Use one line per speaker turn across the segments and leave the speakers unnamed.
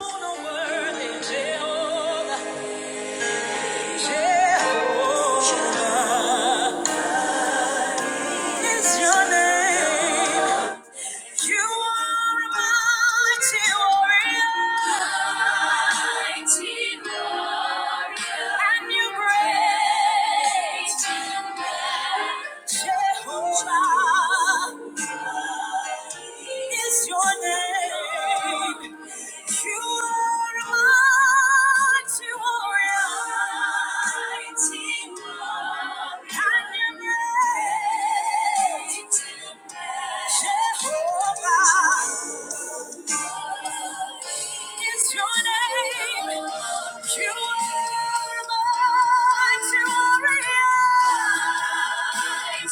Jehovah is your name. You are mighty warrior. Mighty warrior. And you reign. Jehovah is your name. You are mighty warrior. Great.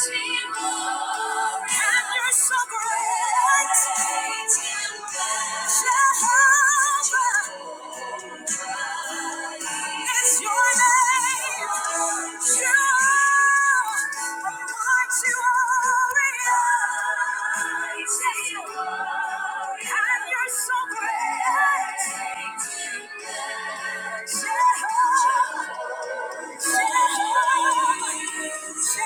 Jehovah. It's your name. It's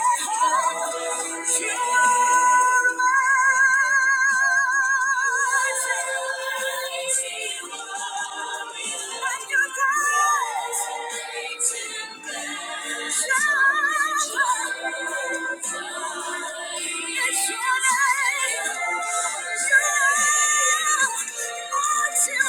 your name. Thank you.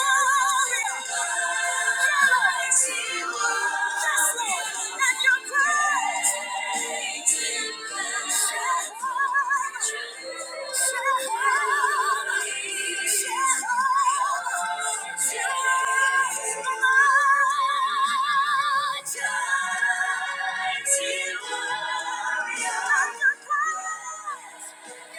Thank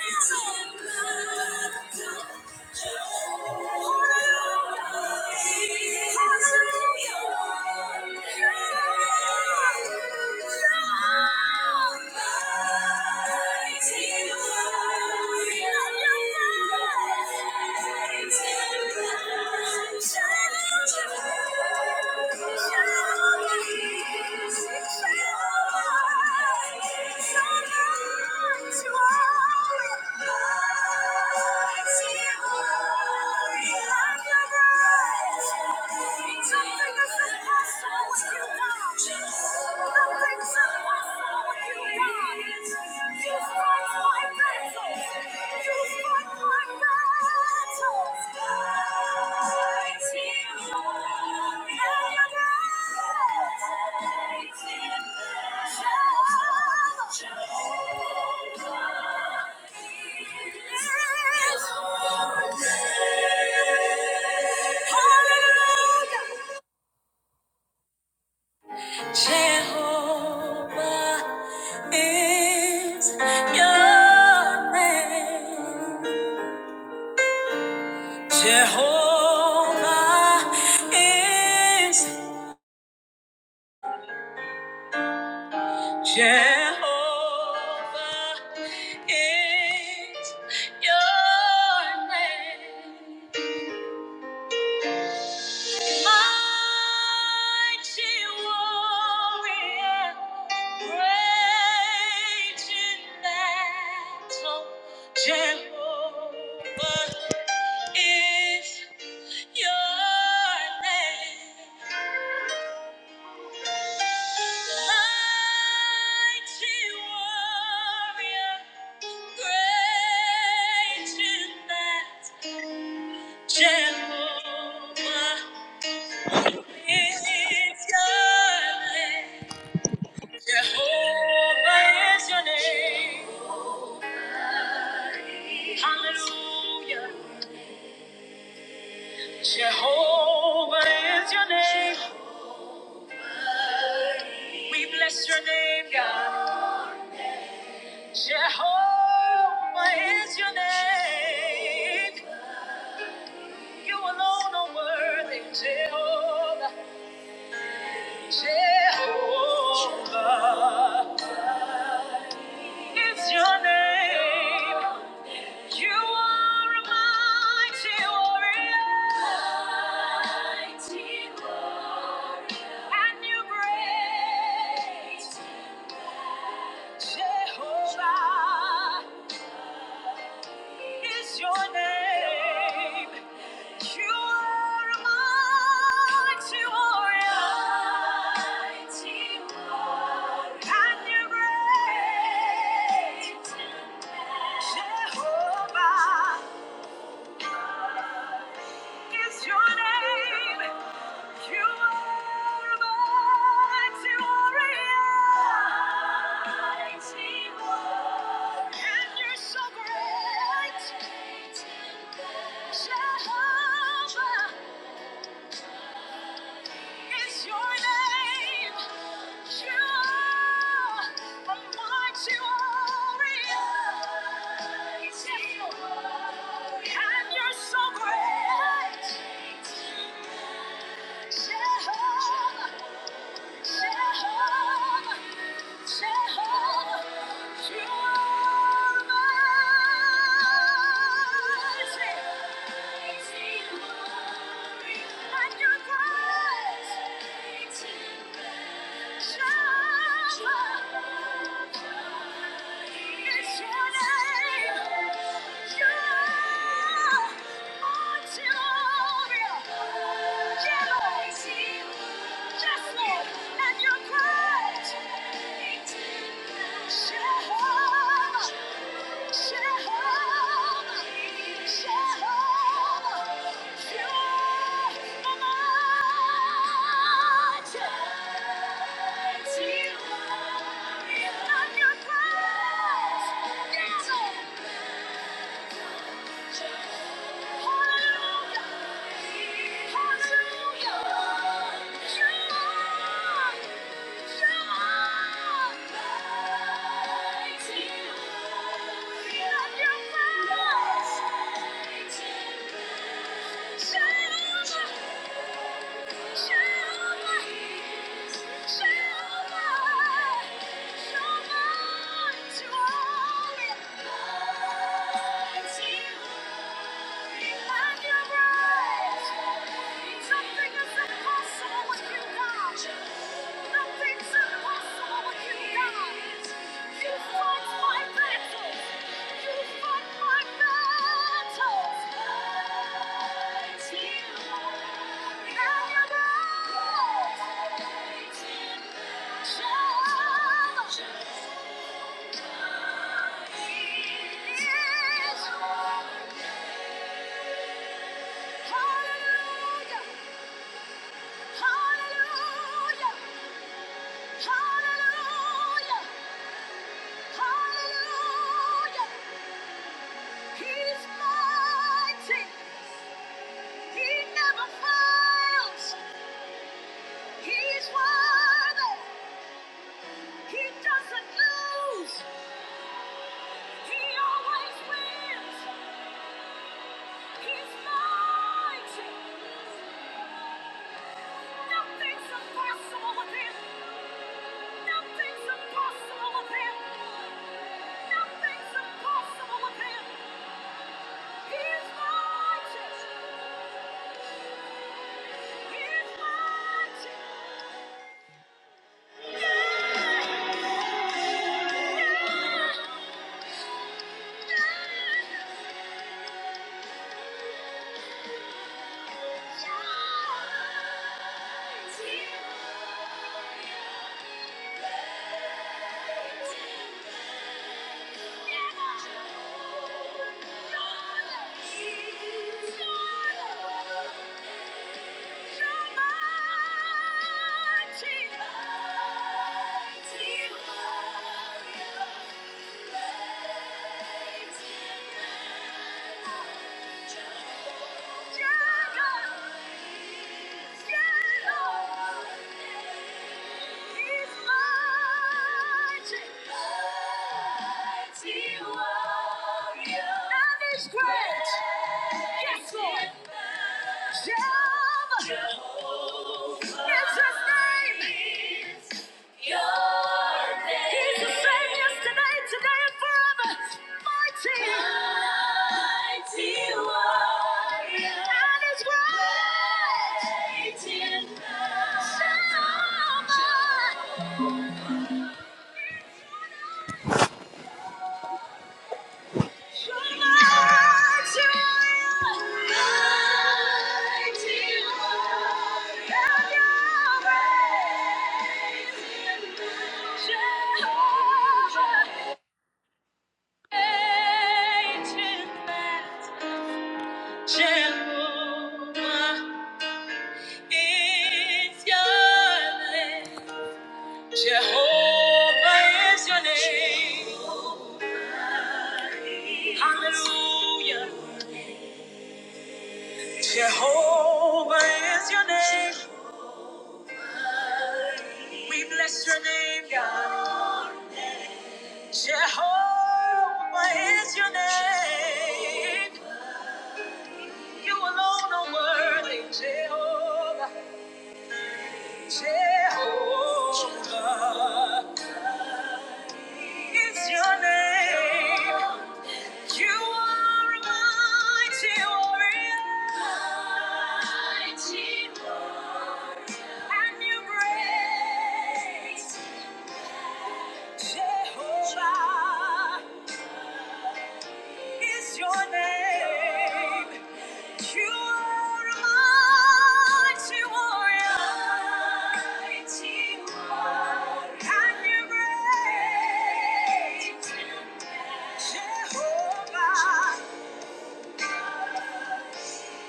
you. Nothing's impossible with you, God. You fight for Jehovah is your name. Jehovah is. Jehovah is your name. Mighty warrior, great in battle. Jehovah is your name. Mighty warrior, great in battle, Jehovah is your name. Jehovah is your name. Hallelujah. Jehovah is your name. We bless your name, God. Jehovah is your name. You alone are worthy, Jehovah. Jehovah is your name. You are a mighty warrior. Mighty God. And you're great. Jehovah is your name. You are a mighty warrior. Mighty warrior. And you're great. Jehovah is your name. You are mighty warrior. Mighty warrior. And you're so great. Jehovah is your name. Jehovah, mighty warrior. And you're so great. you are mighty. And you're great. Jehovah, Hallelujah! Thank you. Hallelujah! Hallelujah! Hallelujah! Hallelujah! He's mighty. He never fails. He's worthy. He doesn't lose. He always wins. He's mighty. Nothing's impossible with him. Nothing's impossible with him. Nothing's impossible with him. He's mighty. Yeah. Great, Yes, Lord. Jehovah is his name. He's the same yesterday, today, and forever. Mighty. Mighty warrior. And his great. in power. Mighty warrior, and Your Great in battle. Jehovah is your name. Jehovah is your name. Hallelujah. Jehovah is your name. We bless your name, God. Jehovah is your name. You alone are worthy, Jehovah. Jehovah. is your name. You are a mighty warrior. And you're Jehovah is your name. You are a mighty warrior. And you're Jehovah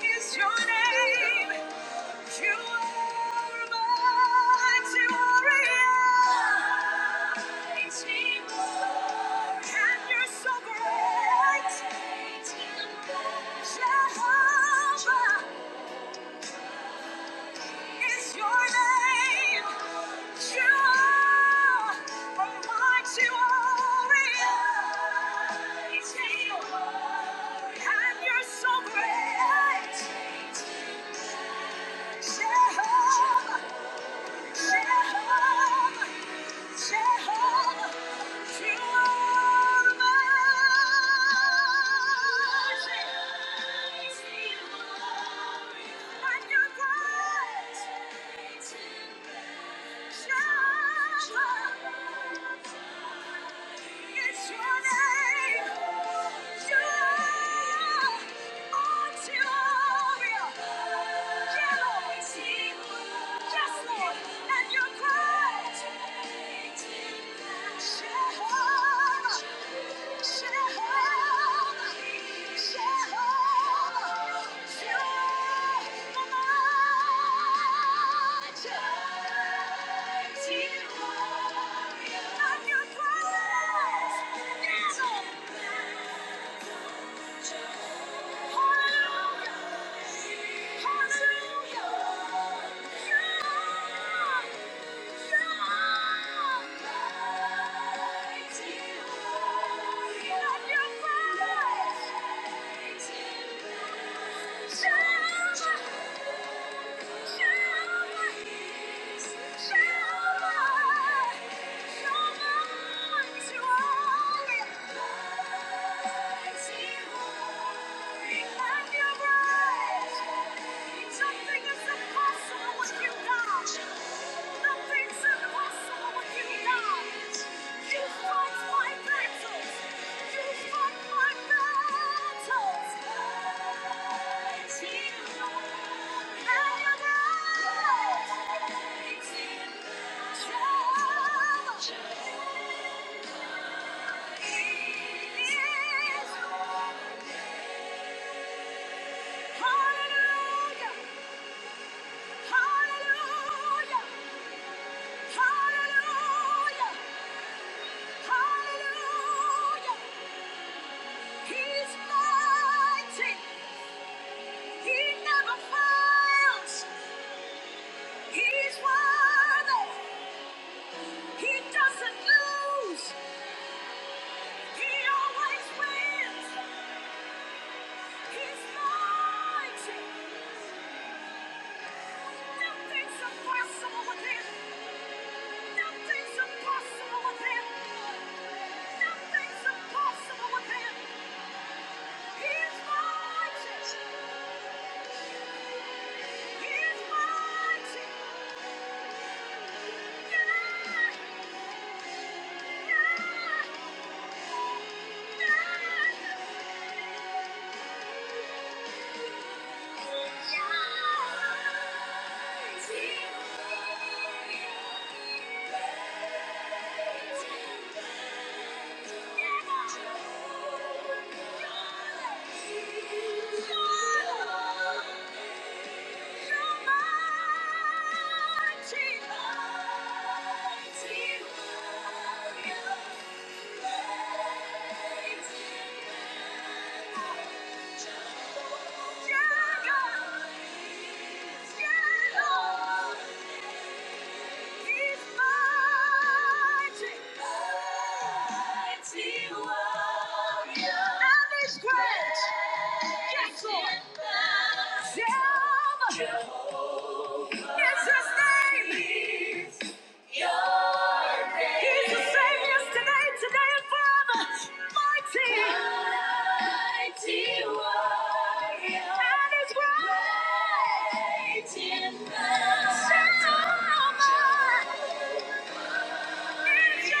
is your name. You are mighty warrior. Mighty warrior. And you're so great. Jehovah is your name. You are a mighty warrior. Mighty warrior. And you're so great. Jehovah, it's your name. Yes, Lord, and you're great. Yeah. Yeah. Something is impossible with you, God you, fight my battles. You fight my battles. It's you. Hallelujah! Hallelujah! Hallelujah! Hallelujah! He's mighty. He never fails. He's worthy. He doesn't lose. He always wins. He's mighty. Nothing's impossible with him. Nothing's impossible with him. Nothing's impossible with him. He's mighty. He's mighty. Yeah. Thank you. Jehovah. It's his name. He's the same yesterday, today, and forever. Mighty. Mighty warrior. And his word. Great in battle. Jehovah. Your name.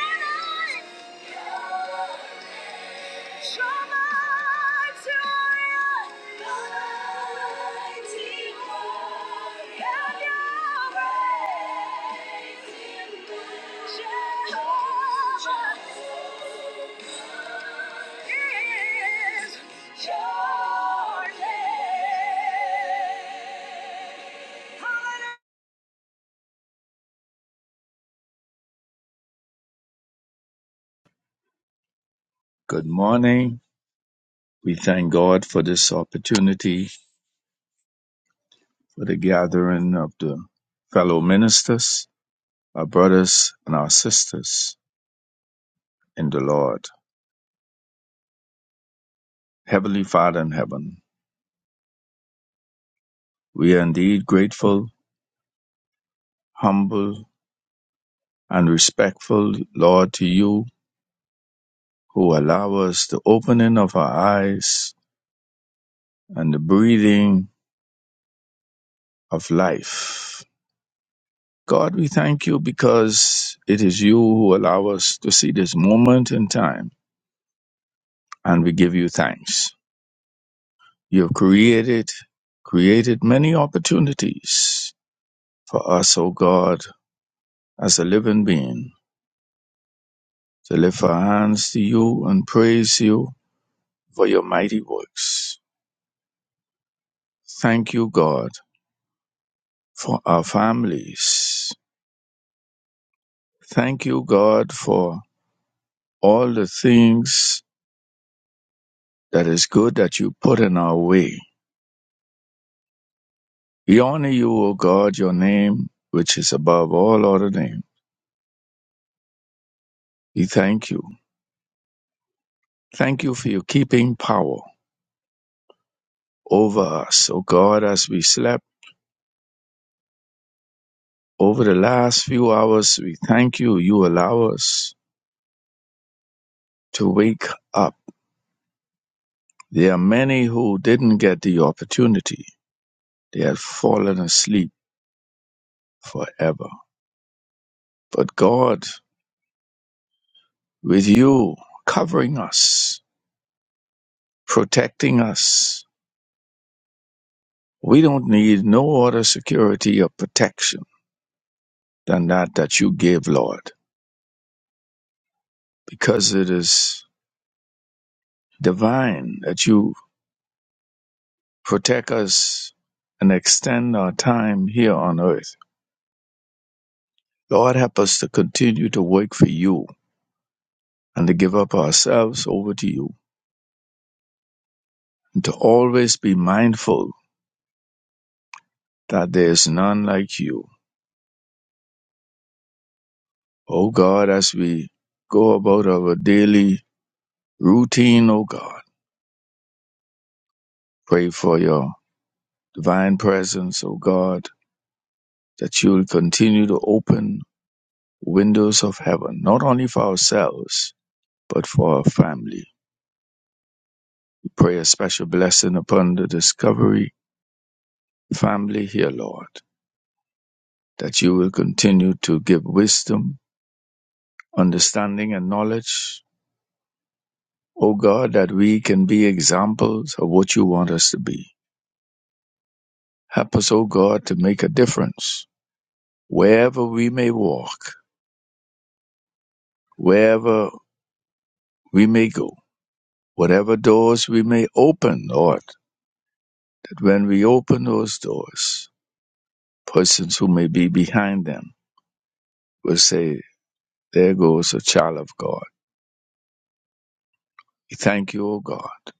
Hallelujah.
Good morning. We thank God for this opportunity for the gathering of the fellow ministers, our brothers and our sisters in the Lord. Heavenly Father in heaven, we are indeed grateful, humble, and respectful, Lord, to you who allow us the opening of our eyes and the breathing of life. God, we thank you because it is you who allow us to see this moment in time, and we give you thanks. You have created created many opportunities for us, O God, as a living being, to lift our hands to you and praise you for your mighty works. Thank you, God, for our families. Thank you, God, for all the things that is good that you put in our way. We honor you, O God, your name, which is above all other name. We thank you. Thank you for your keeping power. over us. O God, as we slept over the last few hours, we thank you. You allow us to wake up. There are many who didn't get the opportunity. They had fallen asleep forever. But God, with you covering us, protecting us, we don't need no other security or protection than that that you give, Lord, because it is divine that you protect us and extend our time here on earth. Lord, help us to continue to work for you and to give up ourselves over to you and to always be mindful that there is none like you. O God, as we go about our daily routine, O God, pray for your divine presence, O God, that you will continue to open windows of heaven, not only for ourselves, but for our family Pray a special blessing upon the Discovery family here, Lord, that you will continue to give wisdom, understanding, and knowledge, O God, that we can be examples of what you want us to be. Help us, O God, to make a difference wherever we may walk, wherever we may go, whatever doors we may open, Lord, that when we open those doors, persons who may be behind them will say, There goes a child of God We thank you, O God,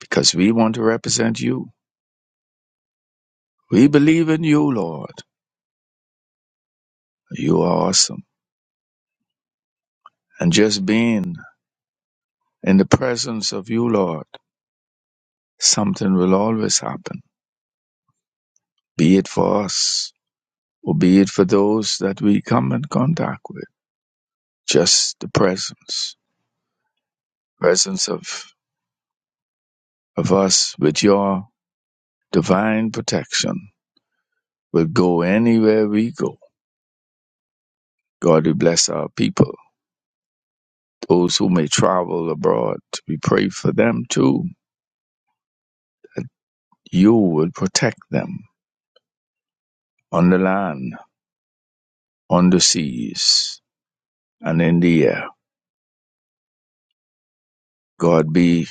because we want to represent you. We believe in you, Lord. You are awesome. And just being in the presence of you, Lord, something will always happen, be it for us or be it for those that we come in contact with. Just the presence, presence of, of us with your divine protection will go anywhere we go. God, we bless our people. Those who may travel abroad, we pray for them too You will protect them on the land, on the seas, and in the air. God be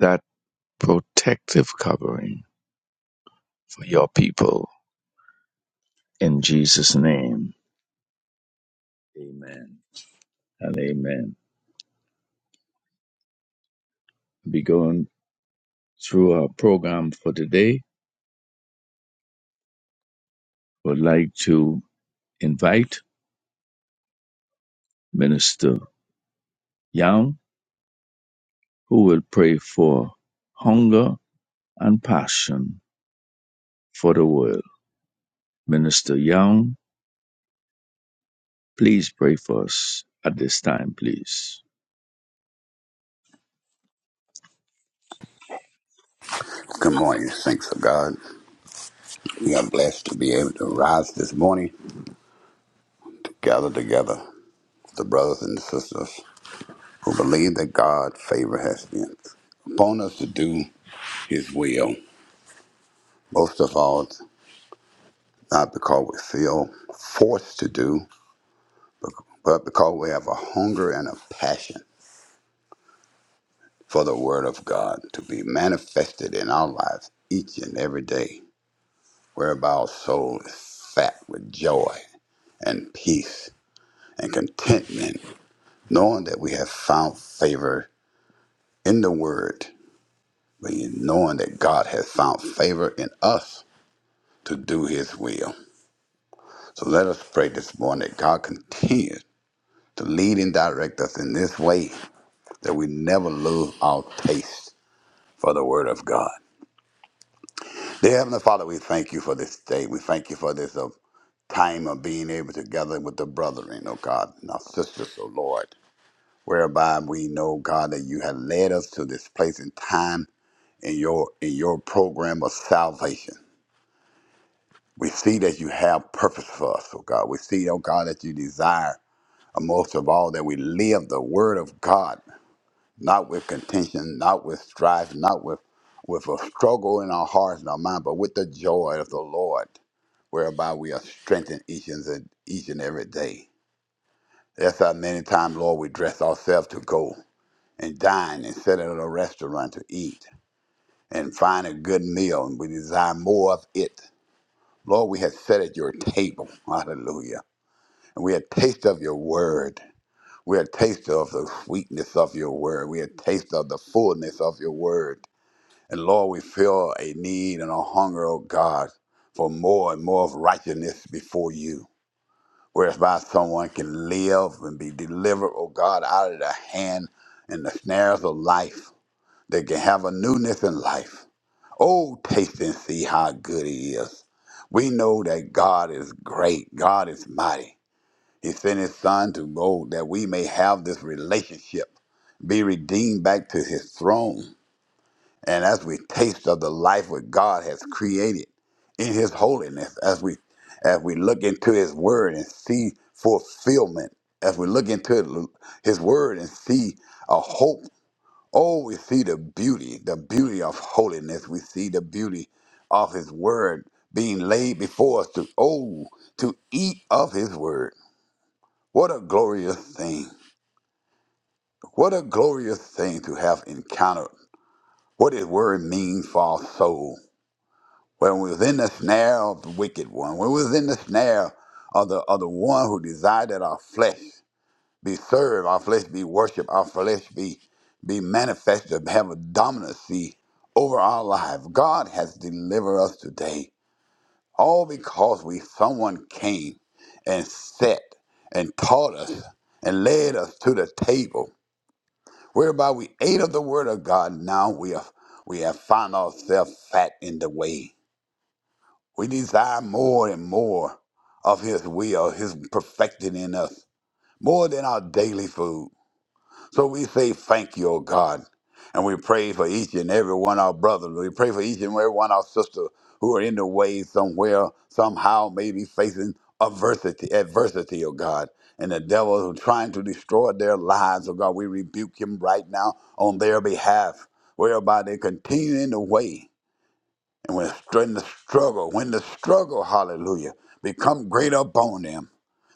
that protective covering for your people. In Jesus' name, amen and amen. We'll Be going through our program for today. Would like to invite Minister Young, who will pray for hunger and passion for the world. Minister Young, please pray for us at this time, please.
Good morning. Thanks to God. We are blessed to be able to rise this morning to gather together the brothers and sisters who believe that God's favor has been upon us to do His will. Most of all, not because we feel forced to do, but because we have a hunger and a passion for the Word of God to be manifested in our lives each and every day, whereby our soul is fat with joy and peace and contentment knowing that we have found favor in the word, being knowing that God has found favor in us to do his will. So let us pray this morning that God continues to lead and direct us in this way that we never lose our taste for the word of God. Dear Heavenly Father, we thank you for this day. We thank you for this uh, time of being able to gather with the brethren, oh God, and our sisters, oh Lord, whereby we know, God, that you have led us to this place in time in your in your program of salvation. We see that you have purpose for us, oh God. We see, oh God, that you desire uh, most of all that we live the word of God, not with contention, not with strife, not with with a struggle in our hearts and our mind, but with the joy of the Lord, whereby we are strengthened each and each and every day. That's how many times, Lord, we dress ourselves to go and dine and sit at a restaurant to eat and find a good meal and we desire more of it. Lord, we have sat at your table. Hallelujah. And we had taste of your word. We had taste of the sweetness of your word. We had taste of the fullness of your word. And Lord, we feel a need and a hunger, oh God, for more and more of righteousness before you. Whereby someone can live and be delivered, oh God, out of the hand and the snares of life. They can have a newness in life. Oh, taste and see how good he is. We know that God is great, God is mighty. He sent his son to go that we may have this relationship, be redeemed back to his throne. And as we taste of the life that God has created in his holiness, as we as we look into his word and see fulfillment, as we look into his word and see a hope Oh, we see the beauty, the beauty of holiness. We see the beauty of His Word being laid before us to, oh, to eat of His Word. What a glorious thing. What a glorious thing to have encountered what His Word means for our soul. When we was in the snare of the wicked one, when we was in the snare of the, of the one who desired our flesh, be served, our flesh be worshiped, our flesh be be manifested, have a dominancy over our life. God has delivered us today, all because we someone came and sat and taught us and led us to the table, whereby we ate of the word of God. Now we have we have found ourselves fat in the way. We desire more and more of His will, His perfecting in us, more than our daily food So we say thank you, O God. And we pray for each and every one of our brothers. We pray for each and every one of our sisters who are in the way somewhere, somehow, maybe facing adversity, adversity, oh God. And the devil who trying to destroy their lives, oh God, we rebuke him right now on their behalf, whereby they continue in the way. And when str- in the struggle, when the struggle, hallelujah, become great upon them,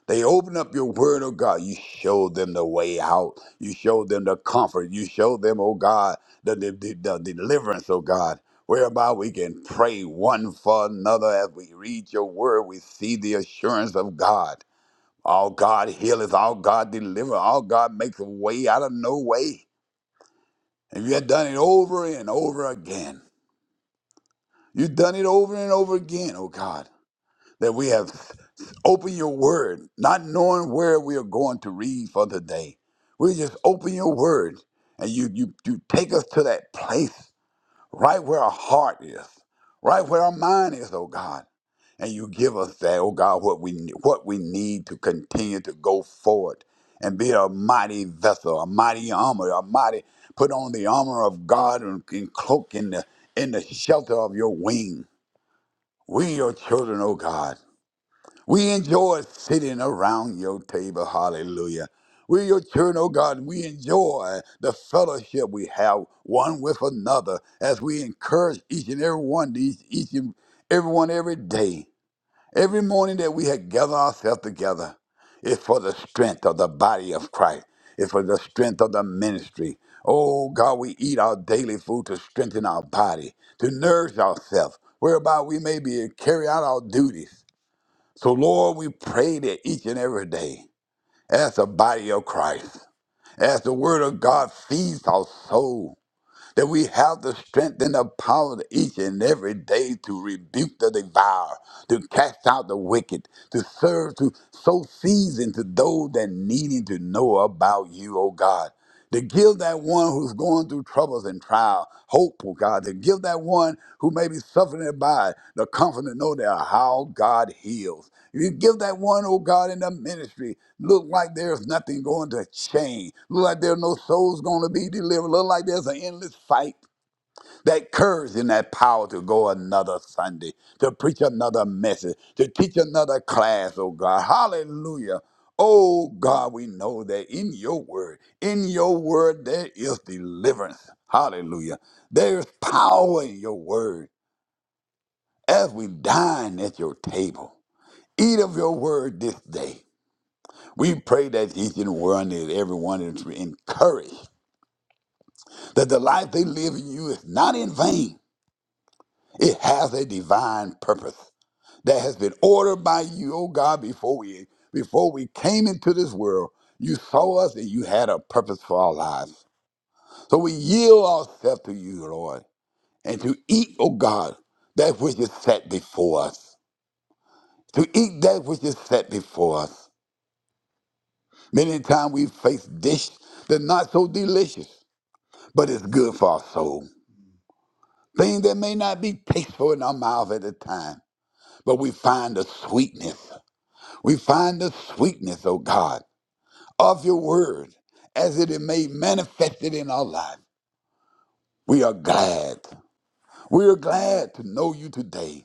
they open up your word, oh God. You show them the way out. You show them the comfort. You show them, oh God, the, the, the, the deliverance, oh God, whereby we can pray one for another. As we read your word, we see the assurance of God. All God healeth, all God deliver, all God makes a way out of no way. And you have done it over and over again. You've done it over and over again, oh God. that we have open your word, not knowing where we are going to read for the day. We just open your word and you you you take us to that place right where our heart is, right where our mind is, oh God. And you give us that, oh God, what we what we need to continue to go forward and be a mighty vessel, a mighty armor, a mighty put on the armor of God and, and cloak in the in the shelter of your wing. We your children, oh God. We enjoy sitting around your table. Hallelujah. We're your children, oh God. We enjoy the fellowship we have one with another as we encourage each and every one, each, each and everyone every day. Every morning that we have gathered ourselves together is for the strength of the body of Christ. It's for the strength of the ministry. Oh God, we eat our daily food to strengthen our body, to nourish ourselves, whereby we may be carry out our duties. So, Lord, we pray that each and every day, as the body of Christ, as the Word of God feeds our soul, that we have the strength and the power to each and every day to rebuke the devourer, to cast out the wicked, to serve, to sow seeds into those that needing to know about you, O God to give that one who's going through troubles and trial hope, oh God, to give that one who may be suffering by the comfort to know that how God heals. You give that one, oh God, in the ministry, look like there's nothing going to change. Look like there are no souls going to be delivered. Look like there's an endless fight that courage and that power to go another Sunday, to preach another message, to teach another class, oh God. Hallelujah. Oh God, we know that in your word, in your word, there is deliverance. Hallelujah. There is power in your word as we dine at your table. Eat of your word this day. We pray that each and one and everyone is encouraged that the life they live in you is not in vain. It has a divine purpose. that has been ordered by you, oh God, before we before we came into this world. You saw us and you had a purpose for our lives. So we yield ourselves to you, Lord, and to eat, oh God, that which is set before us. To eat that which is set before us. Many times we face dish that's not so delicious, but it's good for our soul. Things that may not be tasteful in our mouth at the time, but we find the sweetness. We find the sweetness, oh God. of your word as it is made manifested in our life. We are glad. We are glad to know you today.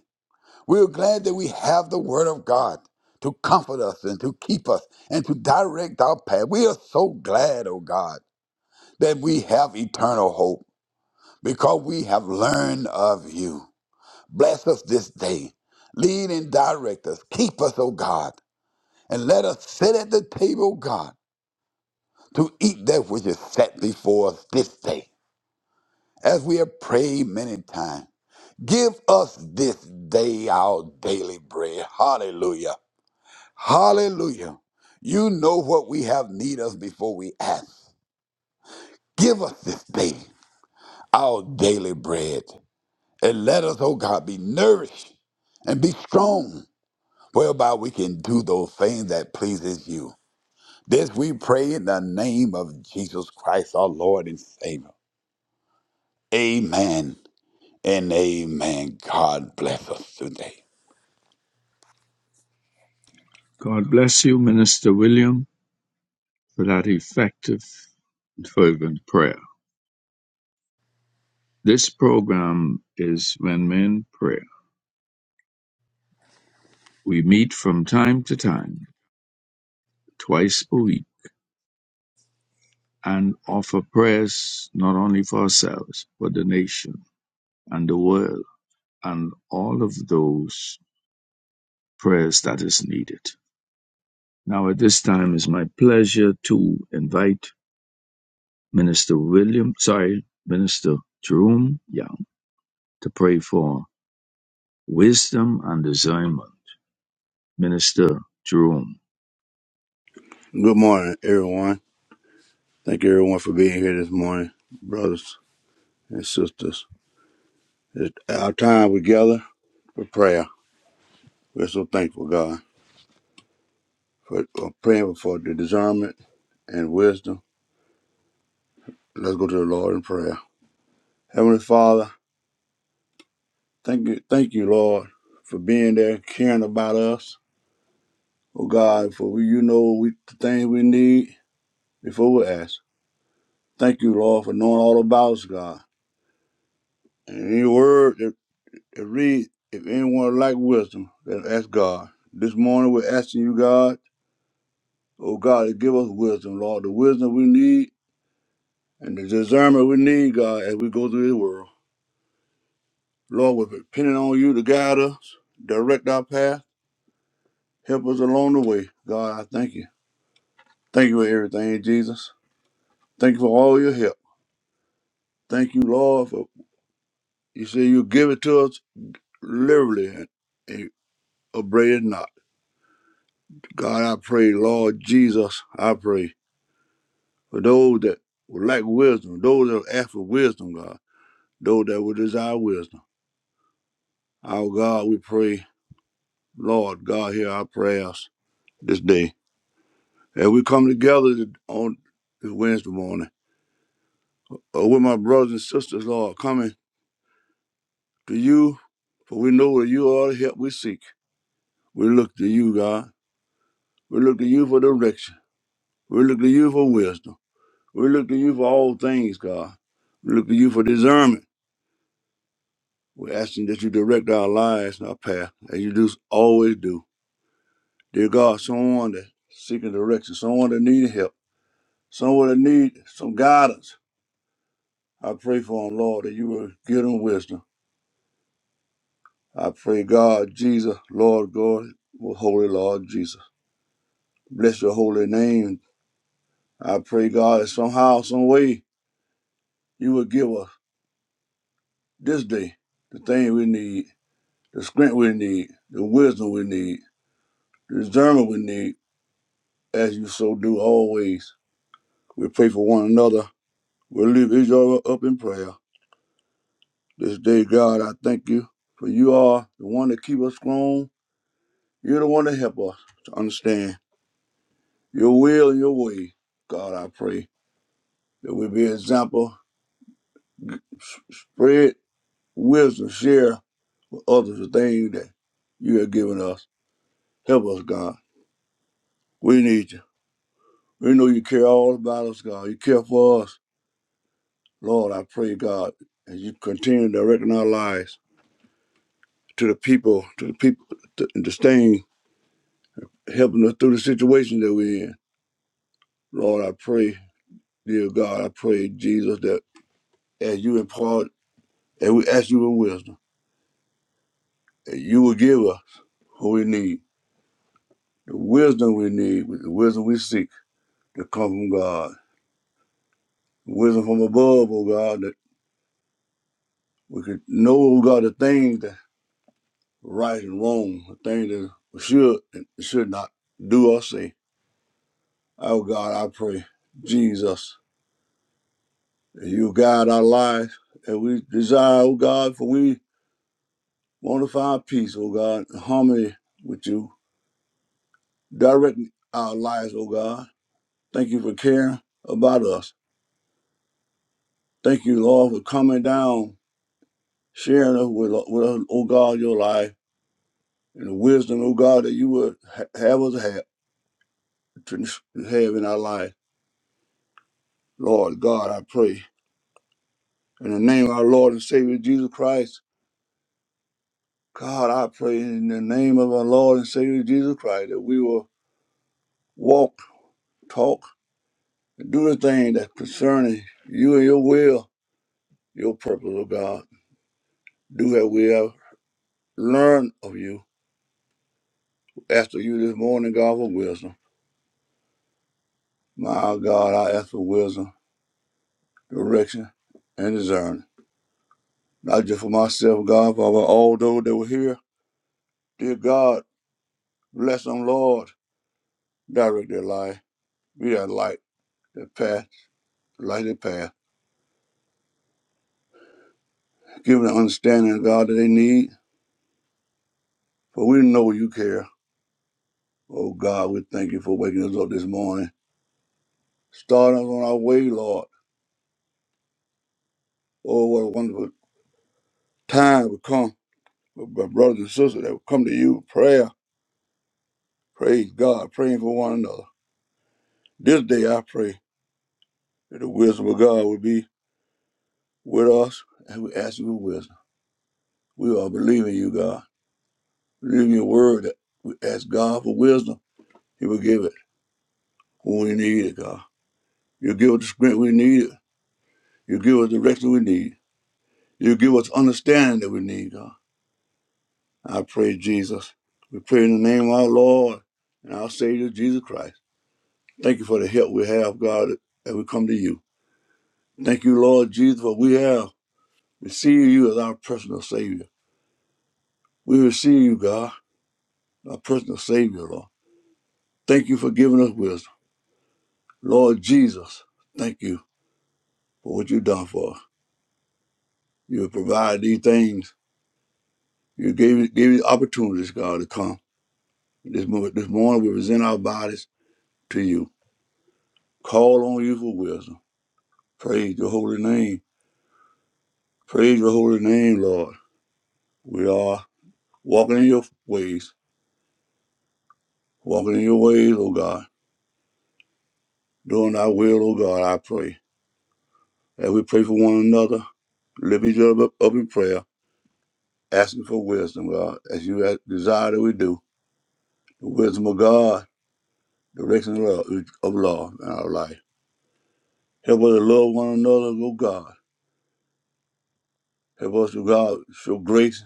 We are glad that we have the word of God to comfort us and to keep us and to direct our path. We are so glad, oh God, that we have eternal hope because we have learned of you. Bless us this day. Lead and direct us. Keep us, oh God, and let us sit at the table, God, to eat that which is set before us this day. as we have prayed many times. Give us this day our daily bread. Hallelujah. Hallelujah. You know what we have need of before we ask. Give us this day our daily bread. And let us, oh God, be nourished and be strong, whereby we can do those things that pleases you. This we pray in the name of Jesus Christ, our Lord and Savior. Amen and amen. God bless us today.
God bless you, Minister William, for that effective and fervent prayer. This program is When Men pray. We meet from time to time, twice a week, and offer prayers not only for ourselves, but the nation and the world and all of those prayers that is needed. Now, at this time, it's my pleasure to invite Minister William, sorry, Minister Jerome Young to pray for Wisdom and discernment. Minister Jerome.
Good morning, everyone. Thank you, everyone, for being here this morning, brothers and sisters. It's our time together for prayer. We're so thankful, God, for for praying for the discernment and wisdom. Let's go to the Lord in prayer. Heavenly Father, thank you, thank you, Lord, for being there, caring about us. Oh God, for we, you know we, the things we need before we ask. Thank you, Lord, for knowing all about us, God. And any word that. It reads, if anyone lack wisdom, then ask God. This morning we're asking you, God, oh God, to give us wisdom, Lord, the wisdom we need and the discernment we need, God, as we go through this world. Lord, we're depending on you to guide us, direct our path, help us along the way. God, I thank you. Thank you for everything, Jesus. Thank you for all your help. Thank you, Lord, for you say you give it to us liberally and, and abrade it not. God, I pray, Lord Jesus, I pray. For those that would lack wisdom, those that ask for wisdom, God, those that would desire wisdom. Our God, we pray, Lord, God, hear our prayers this day. As we come together th- on this Wednesday morning, or with my brothers and sisters, Lord, coming to you, for we know that you are the help we seek. We look to you, God. We look to you for direction. We look to you for wisdom. We look to you for all things, God. We look to you for discernment. We're asking that you direct our lives and our path, as you do always do. Dear God, someone that seeking direction, someone that need help, someone that need some guidance. I pray for them, Lord, that you will give them wisdom. I pray, God, Jesus, Lord God, most holy Lord Jesus. Bless your holy name. I pray, God, that somehow, some way, you will give us this day the thing we need, the strength we need, the wisdom we need, the discernment we need, as you so do always. We pray for one another. We lift Israel up in prayer. This day, God, I thank you for you are the one that keep us strong. You're the one that help us to understand your will and your way. God, I pray that we be an example, spread wisdom, share with others the things that you have given us. Help us, God. We need you. We know you care all about us, God. You care for us. Lord, I pray, God, as you continue directing our lives to the people, to the people, to the things helping us through the situation that we're in. Lord, I pray, dear God, I pray, Jesus, that as you impart, and we ask you for wisdom, and you will give us what we need, the wisdom we need, the wisdom we seek to come from God, wisdom from above, oh God, that we could know, oh God, the things that right and wrong, the things that we should and should not do or say. Oh God, I pray, Jesus, that you guide our lives, and we desire, oh God, for we Won't find peace, O God, and harmony with you. Direct our lives, O God. Thank you for caring about us. Thank you, Lord, for coming down, sharing us with, with us, O God, your life and the wisdom, O God, that you would ha- have us have, to have in our life. Lord God, I pray. In the name of our Lord and Savior Jesus Christ, God, I pray in the name of our Lord and Savior Jesus Christ that we will walk, talk, and do the thing that's concerning you and your will your purpose, oh God. Do that we have learned of you. Ask of you this morning, God, for wisdom. My God, I ask for wisdom, direction, and discernment. Not just for myself, God, but for all those that were here. Dear God, bless them, Lord. Direct their life. Be that light, their path, light their path. Give them the understanding, God, that they need. For we know you care. Oh God, we thank you for waking us up this morning. Starting us on our way, Lord. Oh, what a wonderful time we come But my brothers and sisters that will come to you, with prayer, praise God, praying for one another. This day I pray that the wisdom of God will be with us and we ask you for wisdom. We are believing you, God. Believe in your word that we ask God for wisdom. He will give it when we need it, God. You give us the strength we need. You give us the direction we need. You give us understanding that we need, God. I pray, Jesus. We pray in the name of our Lord and our Savior, Jesus Christ. Thank you for the help we have, God, as we come to you. Thank you, Lord Jesus, for we have received you as our personal Savior. We receive you, God, our personal Savior, Lord. Thank you for giving us wisdom. Lord Jesus, thank you for what you've done for us. You provide these things. You gave, gave us opportunities, God, to come. This, mo- this morning, we present our bodies to you. Call on you for wisdom. Praise your holy name. Praise your holy name, Lord. We are walking in your ways, walking in your ways, O God, doing thy will, O God, I pray. As we pray for one another, lift each other up, up in prayer, asking for wisdom, God, as you have- desire that we do. The wisdom of God, direction of love, of love in our life. Help us to love one another, oh God. Help us to God show grace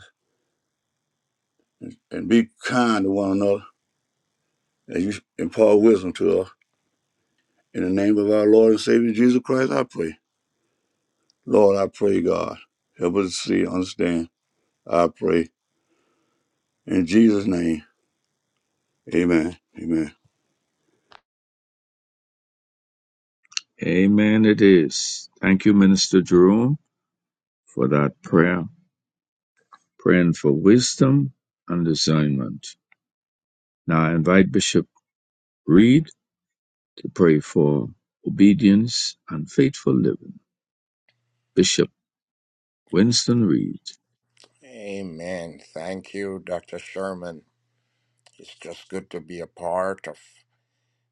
and be kind to one another as you impart wisdom to us. In the name of our Lord and Savior Jesus Christ, I pray. Lord, I pray, God. Help us to see, understand. I pray. In Jesus' name. Amen. Amen.
Amen. It is. Thank you, Minister Jerome, for that prayer. Praying for wisdom and discernment. Now I invite Bishop Reed to pray for obedience and faithful living. Bishop Winston Reed.
Amen. Thank you, Dr. Sherman. It's just good to be a part of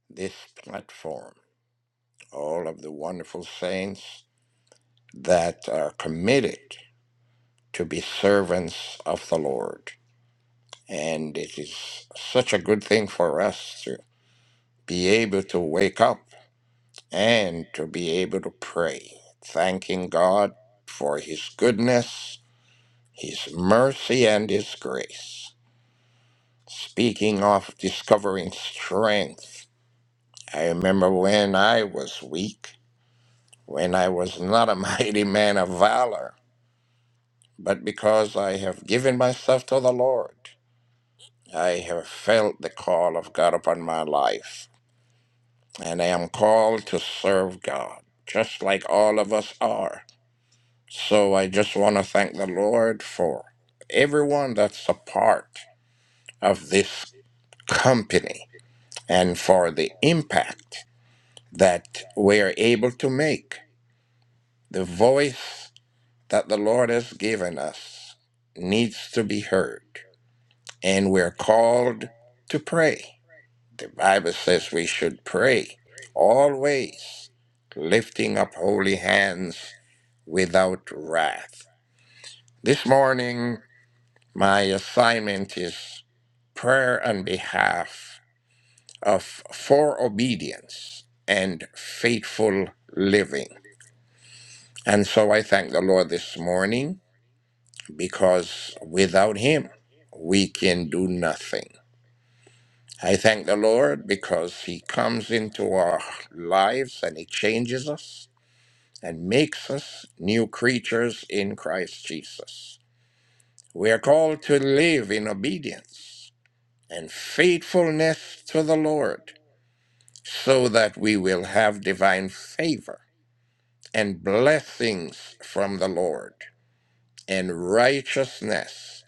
this platform. All of the wonderful saints that are committed to be servants of the Lord. And it is such a good thing for us to be able to wake up and to be able to pray, thanking God for His goodness, His mercy, and His grace. Speaking of discovering strength, I remember when I was weak, when I was not a mighty man of valor, but because I have given myself to the Lord, I have felt the call of God upon my life, and I am called to serve God, just like all of us are. So I just want to thank the Lord for everyone that's a part of this company and for the impact. that we are able to make. The voice that the Lord has given us needs to be heard, and we're called to pray. The Bible says we should pray always, lifting up holy hands without wrath. This morning, my assignment is prayer on behalf of for obedience and faithful living. And so I thank the Lord this morning because without Him, we can do nothing. I thank the Lord because He comes into our lives and He changes us and makes us new creatures in Christ Jesus. We are called to live in obedience and faithfulness to the Lord so that we will have divine favor and blessings from the Lord. and righteousness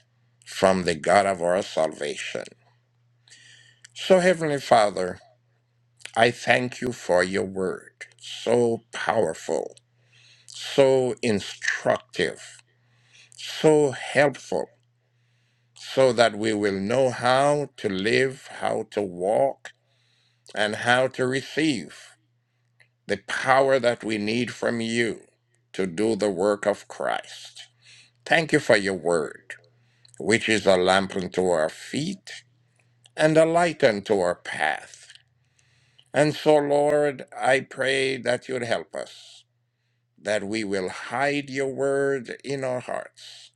from the God of our salvation. So, Heavenly Father, I thank you for your word, so powerful, so instructive, so helpful, so that we will know how to live, how to walk, and how to receive the power that we need from you to do the work of Christ. Thank you for your word, which is a lamp unto our feet and a light unto our path. And so, Lord, I pray that you'd help us, that we will hide your word in our hearts,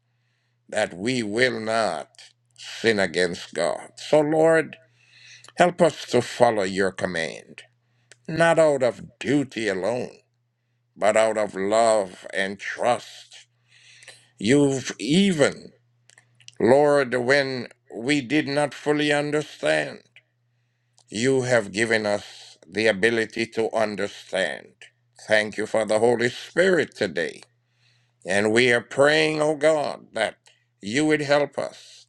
that we will not sin against God. So, Lord, help us to follow your command, not out of duty alone, but out of love and trust. You've even, Lord, when we did not fully understand, You have given us the ability to understand. Thank you for the Holy Spirit today. And we are praying, oh God, that you would help us.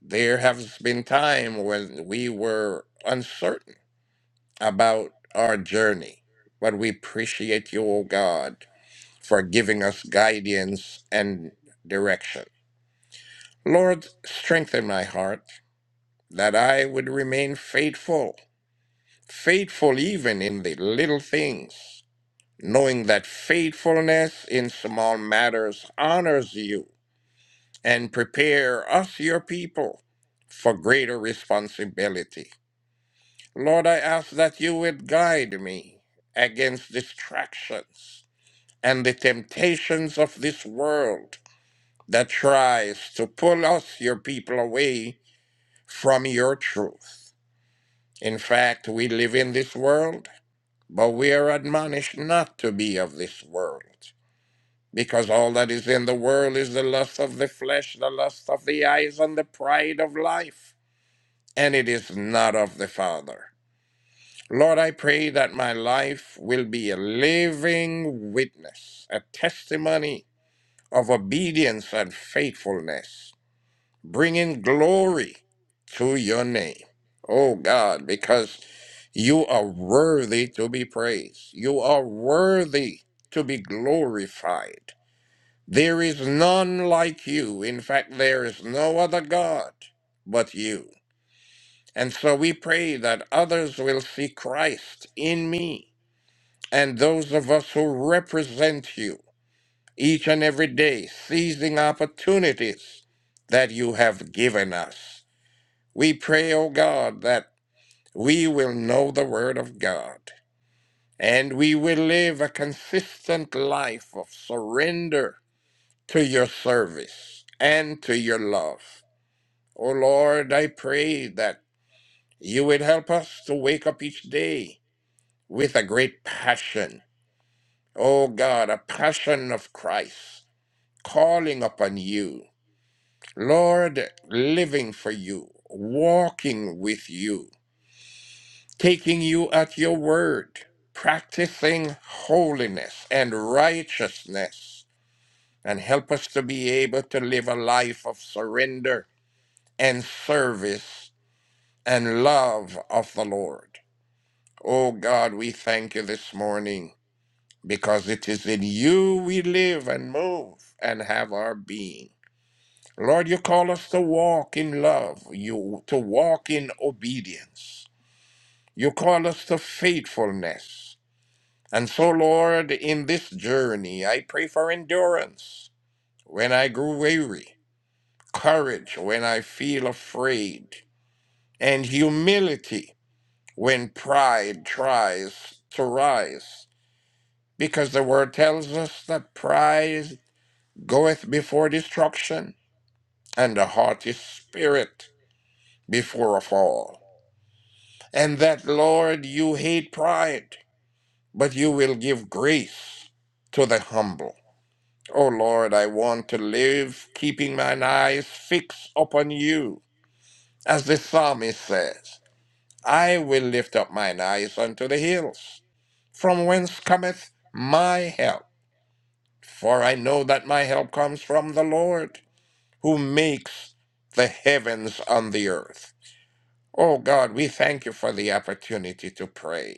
There has been time when we were uncertain about our journey, but we appreciate you, oh God, for giving us guidance and direction. Lord, strengthen my heart that I would remain faithful faithful even in the little things, knowing that faithfulness in small matters honors you and prepare us, your people, for greater responsibility. Lord, I ask that you would guide me against distractions and the temptations of this world that tries to pull us, your people, away from your truth. In fact, we live in this world But we are admonished not to be of this world, because all that is in the world is the lust of the flesh, the lust of the eyes, and the pride of life, and it is not of the Father. Lord, I pray that my life will be a living witness, a testimony of obedience and faithfulness bringing glory to your name. Oh God, because you are worthy to be praised. You are worthy to be glorified. There is none like you. In fact, there is no other God but you. And so we pray that others will see Christ in me and those of us who represent you each and every day, seizing opportunities that you have given us. We pray, O God, that we will know the Word of God and we will live a consistent life of surrender to your service and to your love. O Lord, I pray that you would help us to wake up each day with a great passion. O God, a passion of Christ, calling upon you. Lord, living for you, walking with you. taking you at your word, practicing holiness and righteousness, and help us to be able to live a life of surrender and service and love of the Lord. Oh God, we thank you this morning because it is in you we live and move and have our being. Lord, you call us to walk in love, you to walk in obedience. You call us to faithfulness. And so, Lord, in this journey, I pray for endurance when I grew weary, courage when I feel afraid, and humility when pride tries to rise. Because the word tells us that pride goeth before destruction, and a haughty spirit before a fall. And that, Lord, you hate pride, but you will give grace to the humble. O Lord, I want to live keeping mine eyes fixed upon you. As the psalmist says, I will lift up mine eyes unto the hills, from whence cometh my help. For I know that my help comes from the Lord, who makes the heavens and the earth. O God, we thank you for the opportunity to pray.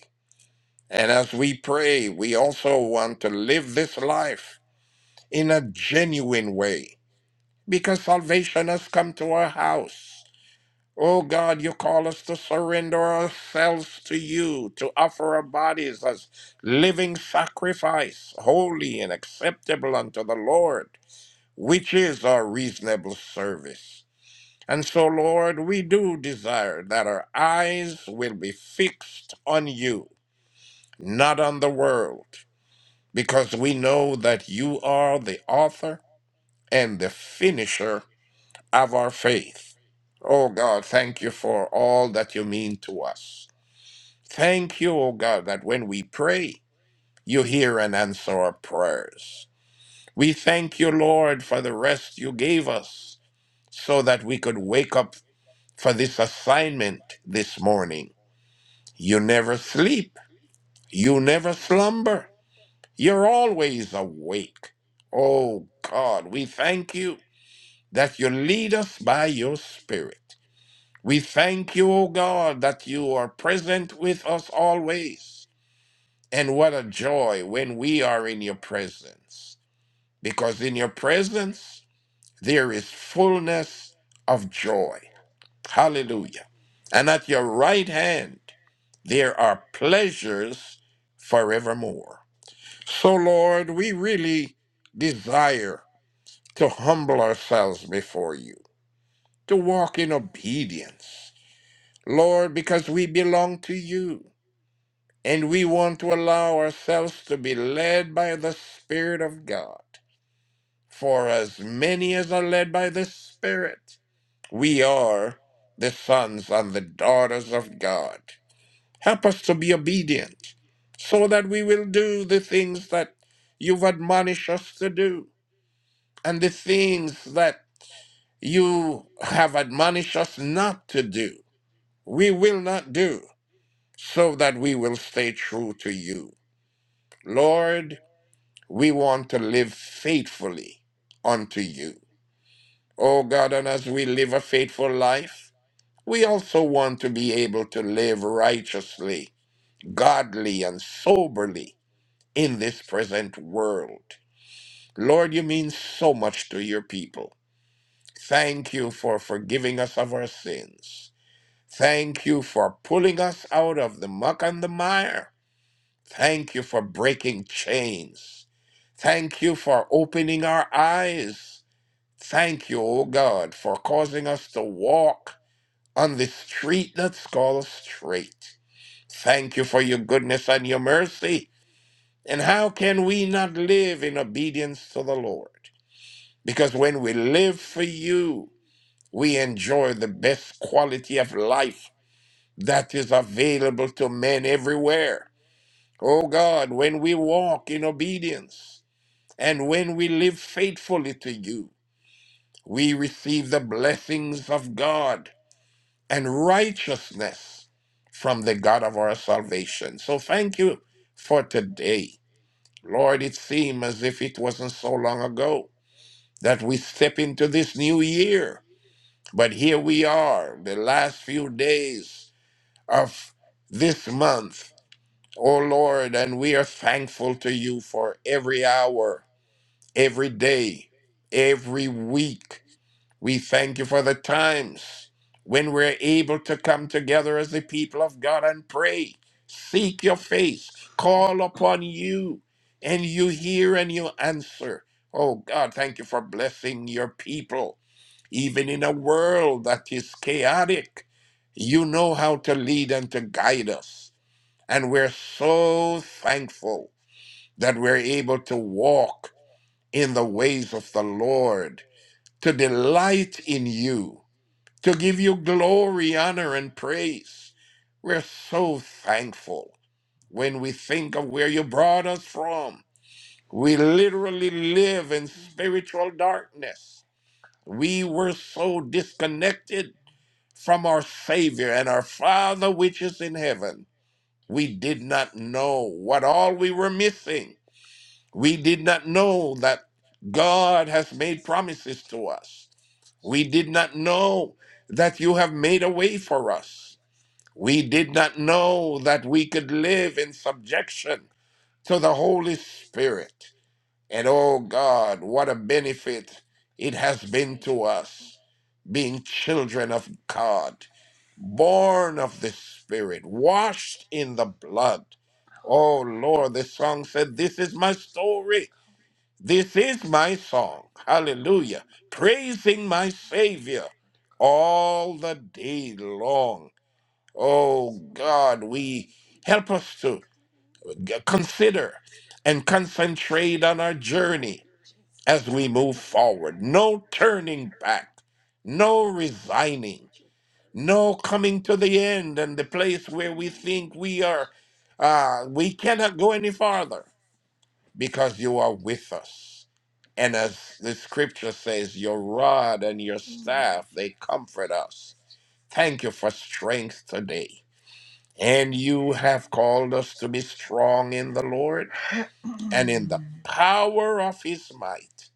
And as we pray, we also want to live this life in a genuine way because salvation has come to our house. Oh God, you call us to surrender ourselves to you, to offer our bodies as living sacrifice, holy and acceptable unto the Lord, which is our reasonable service. And so, Lord, we do desire that our eyes will be fixed on you, not on the world, because we know that you are the author and the finisher of our faith. Oh God, thank you for all that you mean to us. Thank you, oh God, that when we pray, you hear and answer our prayers. We thank you, Lord, for the rest you gave us so that we could wake up for this assignment this morning. You never sleep, you never slumber, you're always awake. Oh God, we thank you that you lead us by your Spirit. We thank you, O God, that you are present with us always. And what a joy when we are in your presence, because in your presence there is fullness of joy. Hallelujah. And at your right hand there are pleasures forevermore. So, Lord, we really desire to humble ourselves before you, to walk in obedience, Lord, because we belong to you. and we want to allow ourselves to be led by the Spirit of God. For as many as are led by the Spirit, we are the sons and the daughters of God. Help us to be obedient so that we will do the things that you've admonished us to do and the things that you have admonished us not to do. We will not do so that we will stay true to you. Lord, We want to live faithfully unto you. Oh God, and as we live a faithful life, we also want to be able to live righteously, godly, and soberly in this present world. Lord, you mean so much to your people. Thank you for forgiving us of our sins. Thank you for pulling us out of the muck and the mire. Thank you for breaking chains. Thank you for opening our eyes. Thank you, O God, for causing us to walk on the street that's called straight. Thank you for your goodness and your mercy. And how can we not live in obedience to the Lord? Because when we live for you, we enjoy the best quality of life that is available to men everywhere. O God, when we walk in obedience and when we live faithfully to you, we receive the blessings of God and righteousness from the God of our salvation. So thank you for today. Lord, it seemed as if it wasn't so long ago that we step into this new year. But here we are, the last few days of this month. O Lord, and we are thankful to you for every hour, every day, every week we thank you for the times when we're able to come together as the people of God and pray, seek your face, call upon you, and you hear and you answer. Oh God, thank you for blessing your people. Even in a world that is chaotic, you know how to lead and to guide us. And we're so thankful that we're able to walk in the ways of the Lord, to delight in you to give you glory, honor, and praise. We're so thankful when we think of where you brought us from. We literally live in spiritual darkness. We were so disconnected from our Savior and our Father, which is in heaven. We did not know what all we were missing. We did not know that God has made promises to us. We did not know that you have made a way for us. We did not know that we could live in subjection to the Holy Spirit. And oh God, what a benefit it has been to us being children of God, born of the Spirit, washed in the blood. Oh Lord, the song said, This is my story. This is my song. Hallelujah. Praising my Savior all the day long. Oh God, we help us to g- consider and concentrate on our journey as we move forward. No turning back, no resigning, no coming to the end and the place where we think we are, uh, we cannot go any farther because you are with us. And as the scripture says, your rod and your staff, they comfort us. Thank you for strength today. And you have called us to be strong in the Lord and in the power of his might.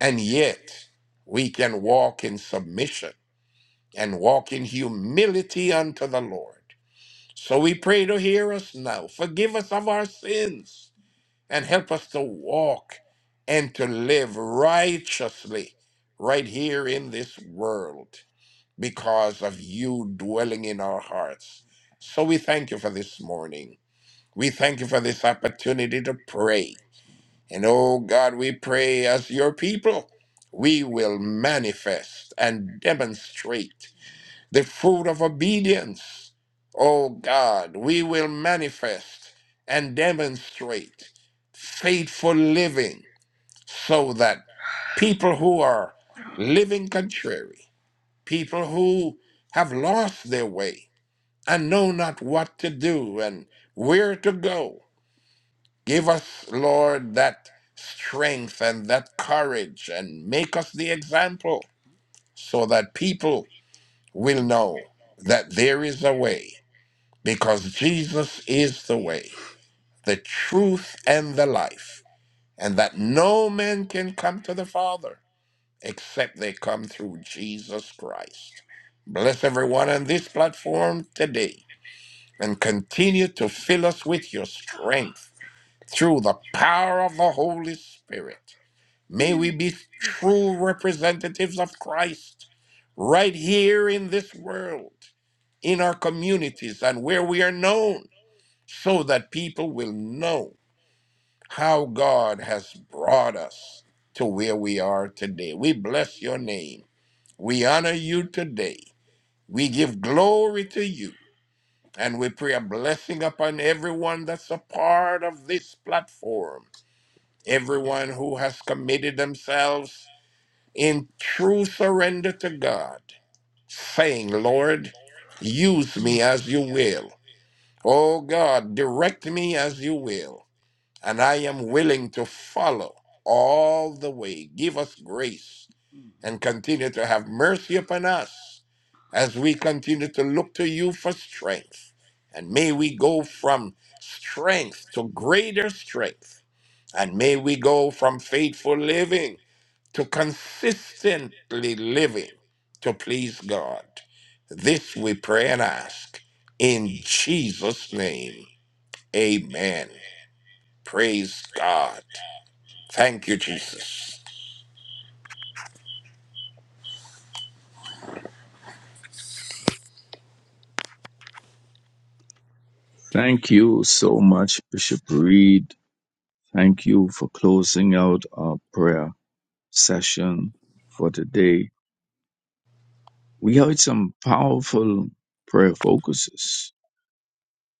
And yet we can walk in submission and walk in humility unto the Lord. So we pray to hear us now. Forgive us of our sins and help us to walk and to live righteously right here in this world because of you dwelling in our hearts. So we thank you for this morning. We thank you for this opportunity to pray. And oh God, we pray as your people, we will manifest and demonstrate the fruit of obedience. Oh God, we will manifest and demonstrate faithful living so that people who are living contrary, people who have lost their way and know not what to do and where to go, Give us, Lord, that strength and that courage and make us the example so that people will know that there is a way because Jesus is the way, the truth, and the life, and that no man can come to the Father except they come through Jesus Christ. Bless everyone on this platform today and continue to fill us with your strength through the power of the Holy Spirit May we be true representatives of Christ right here in this world, in our communities, and where we are known, so that people will know how God has brought us to where we are today. We bless your name. We honor you today. We give glory to you. And we pray a blessing upon everyone that's a part of this platform, everyone who has committed themselves in true surrender to God, saying, Lord, use me as you will. Oh God, direct me as you will. And I am willing to follow all the way. Give us grace and continue to have mercy upon us as we continue to look to you for strength. And may we go from strength to greater strength. And may we go from faithful living to consistently living to please God. This we pray and ask in Jesus' name. Amen. Praise God. Thank you, Jesus.
Thank you so much, Bishop Reed. Thank you for closing out our prayer session for today. we heard some powerful prayer focuses.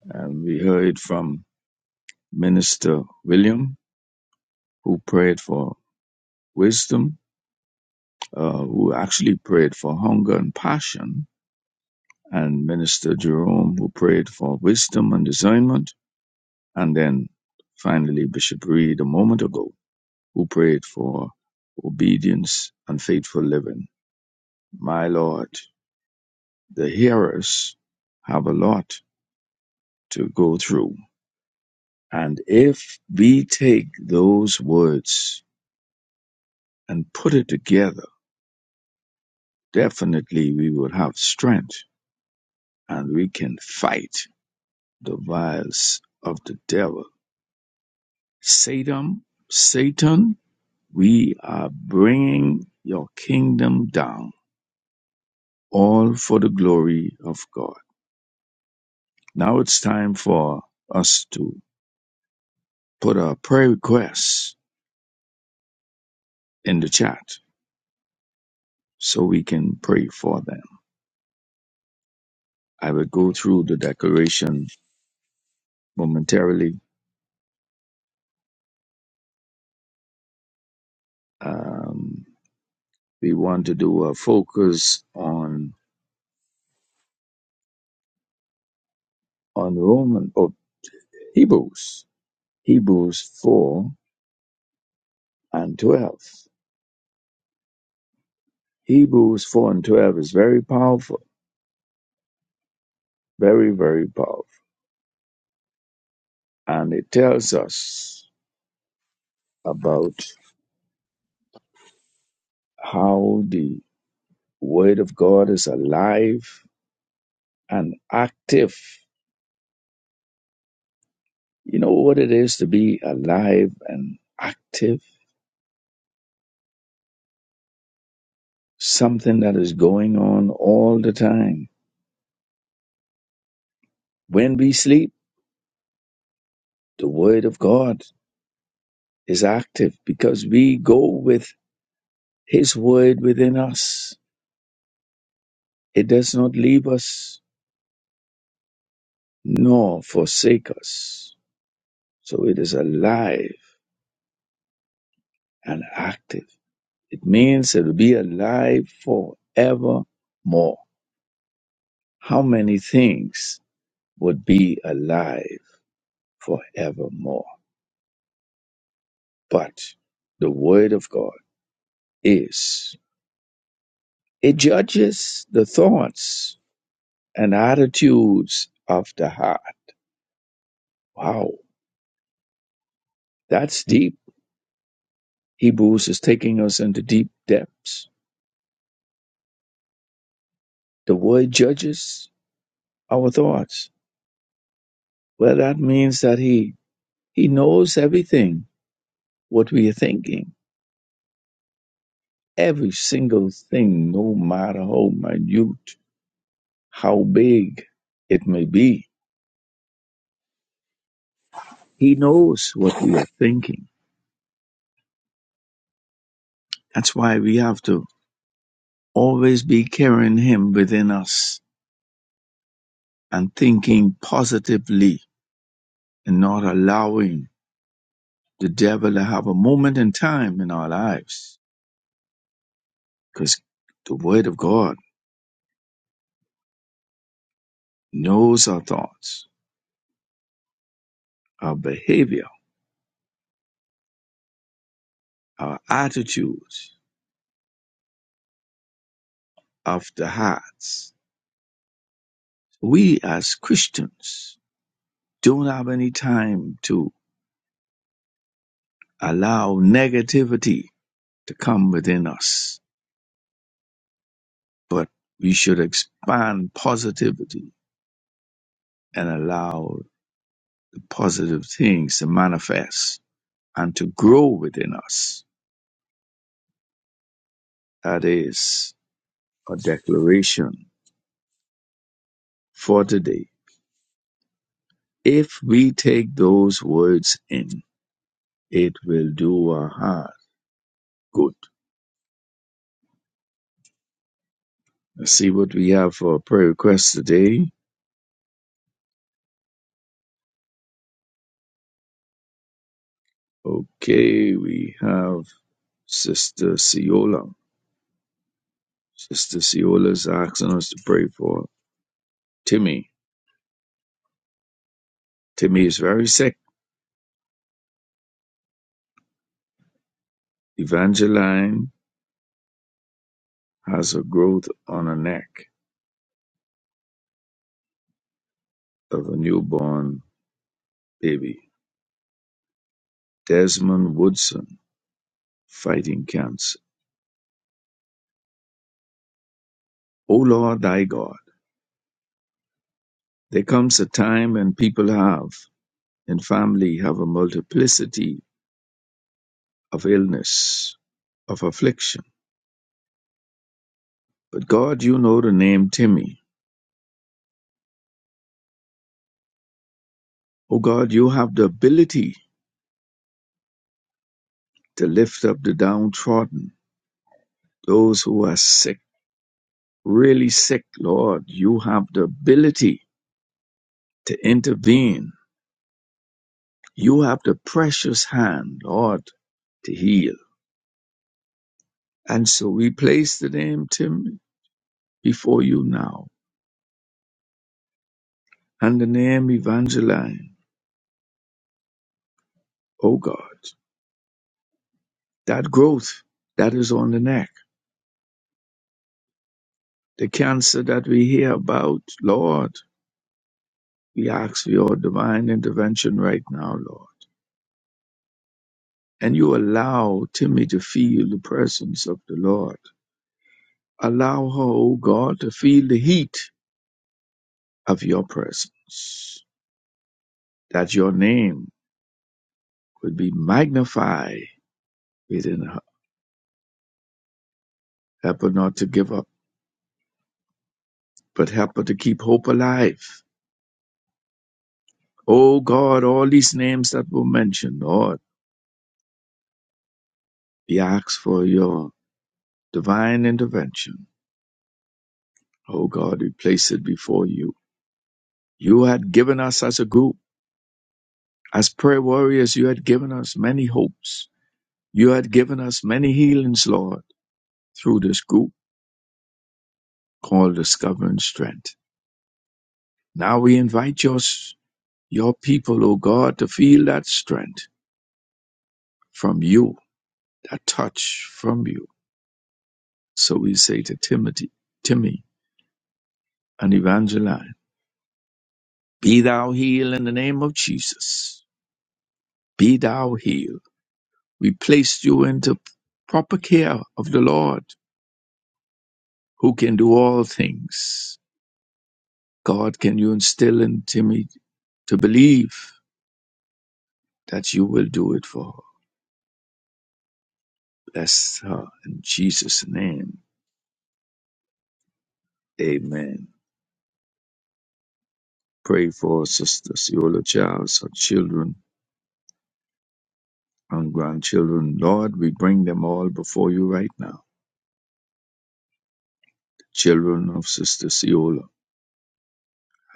And we heard from Minister William, who prayed for wisdom, uh, who actually prayed for hunger and passion, and Minister Jerome, who prayed for wisdom and discernment, and then finally Bishop Reed a moment ago, who prayed for obedience and faithful living. My Lord, the hearers have a lot to go through And if we take those words and put it together, definitely we will have strength and we can fight the wiles of the devil. Satan, Satan, we are bringing your kingdom down, all for the glory of God. Now it's time for us to put our prayer requests in the chat so we can pray for them. I will go through the declaration momentarily. Um, we want to do a focus on on Roman or Hebrews, Hebrews four and twelve. Hebrews four and twelve is very powerful, very very powerful, and it tells us about how the Word of God is alive and active. You know what it is to be alive and active? Something that is going on all the time. When we sleep The word of God is active because we go with his word within us. It does not leave us nor forsake us. So it is alive and active. It means it will be alive forevermore. How many things would be alive forevermore? But the word of God is. It judges the thoughts and attitudes of the heart. Wow That's deep. Hebrews is taking us into deep depths. The word judges our thoughts. Well, that means that he he knows everything what we are thinking, every single thing, no matter how minute, how big it may be. He knows what we are thinking. That's why we have to always be carrying him within us and thinking positively and not allowing the devil to have a moment in time in our lives because the word of God knows our thoughts, our behavior, our attitudes of the hearts. We as Christians don't have any time to allow negativity to come within us, but we should expand positivity and allow the positive things to manifest and to grow within us. That is a declaration for today If we take those words in, it will do our heart good. Let's see what we have for a prayer request today. Okay, we have Sister Ciola. Sister Ciola is asking us to pray for Timmy. Timmy is very sick. Evangeline has a growth on her neck of a newborn baby. Desmond Woodson fighting cancer. O Lord thy God, there comes a time when people have and family have a multiplicity of illness, of affliction. But God, you know the name Timmy. Oh God, you have the ability to lift up the downtrodden, those who are sick, really sick, Lord. You have the ability to intervene. You have the precious hand, Lord, to heal. And so we place the name Timmy before you now and the name Evangeline, oh God, that growth that is on the neck. the cancer that we hear about, Lord, we ask for your divine intervention right now, Lord. And you allow Timmy to feel the presence of the Lord. Allow her, O God, to feel the heat of your presence, that your name would be magnified within her. Help her not to give up, but help her to keep hope alive. O God, all these names that were mentioned, Lord, we ask for your divine intervention Oh God, we place it before you. You had given us as a group, as prayer warriors, you had given us many hopes. You had given us many healings, Lord, through this group called Discovering Strength. Now we invite your, your people, oh God, to feel that strength from you, that touch from you. So we say to Timothy, Timmy, and Evangeline, be thou healed in the name of Jesus. Be thou healed We placed you into proper care of the Lord who can do all things. God, can you instill into me to believe that you will do it for her? Bless her in Jesus' name. Amen. Pray for Sister Ciola Childs, her children and grandchildren. Lord, we bring them all before you right now. The children of Sister Ciola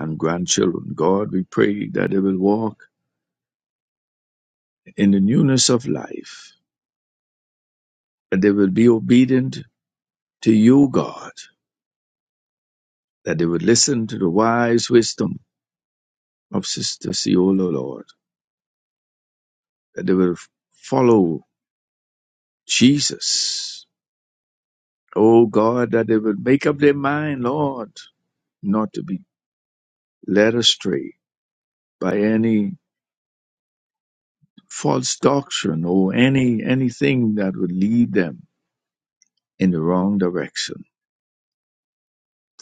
and grandchildren. God, we pray that they will walk in the newness of life, that they will be obedient to you, God, that they would listen to the wise wisdom of Sister Ciola, Lord, that they would follow Jesus. Oh God, that they would make up their mind, Lord, not to be led astray by any false doctrine or any anything that would lead them in the wrong direction.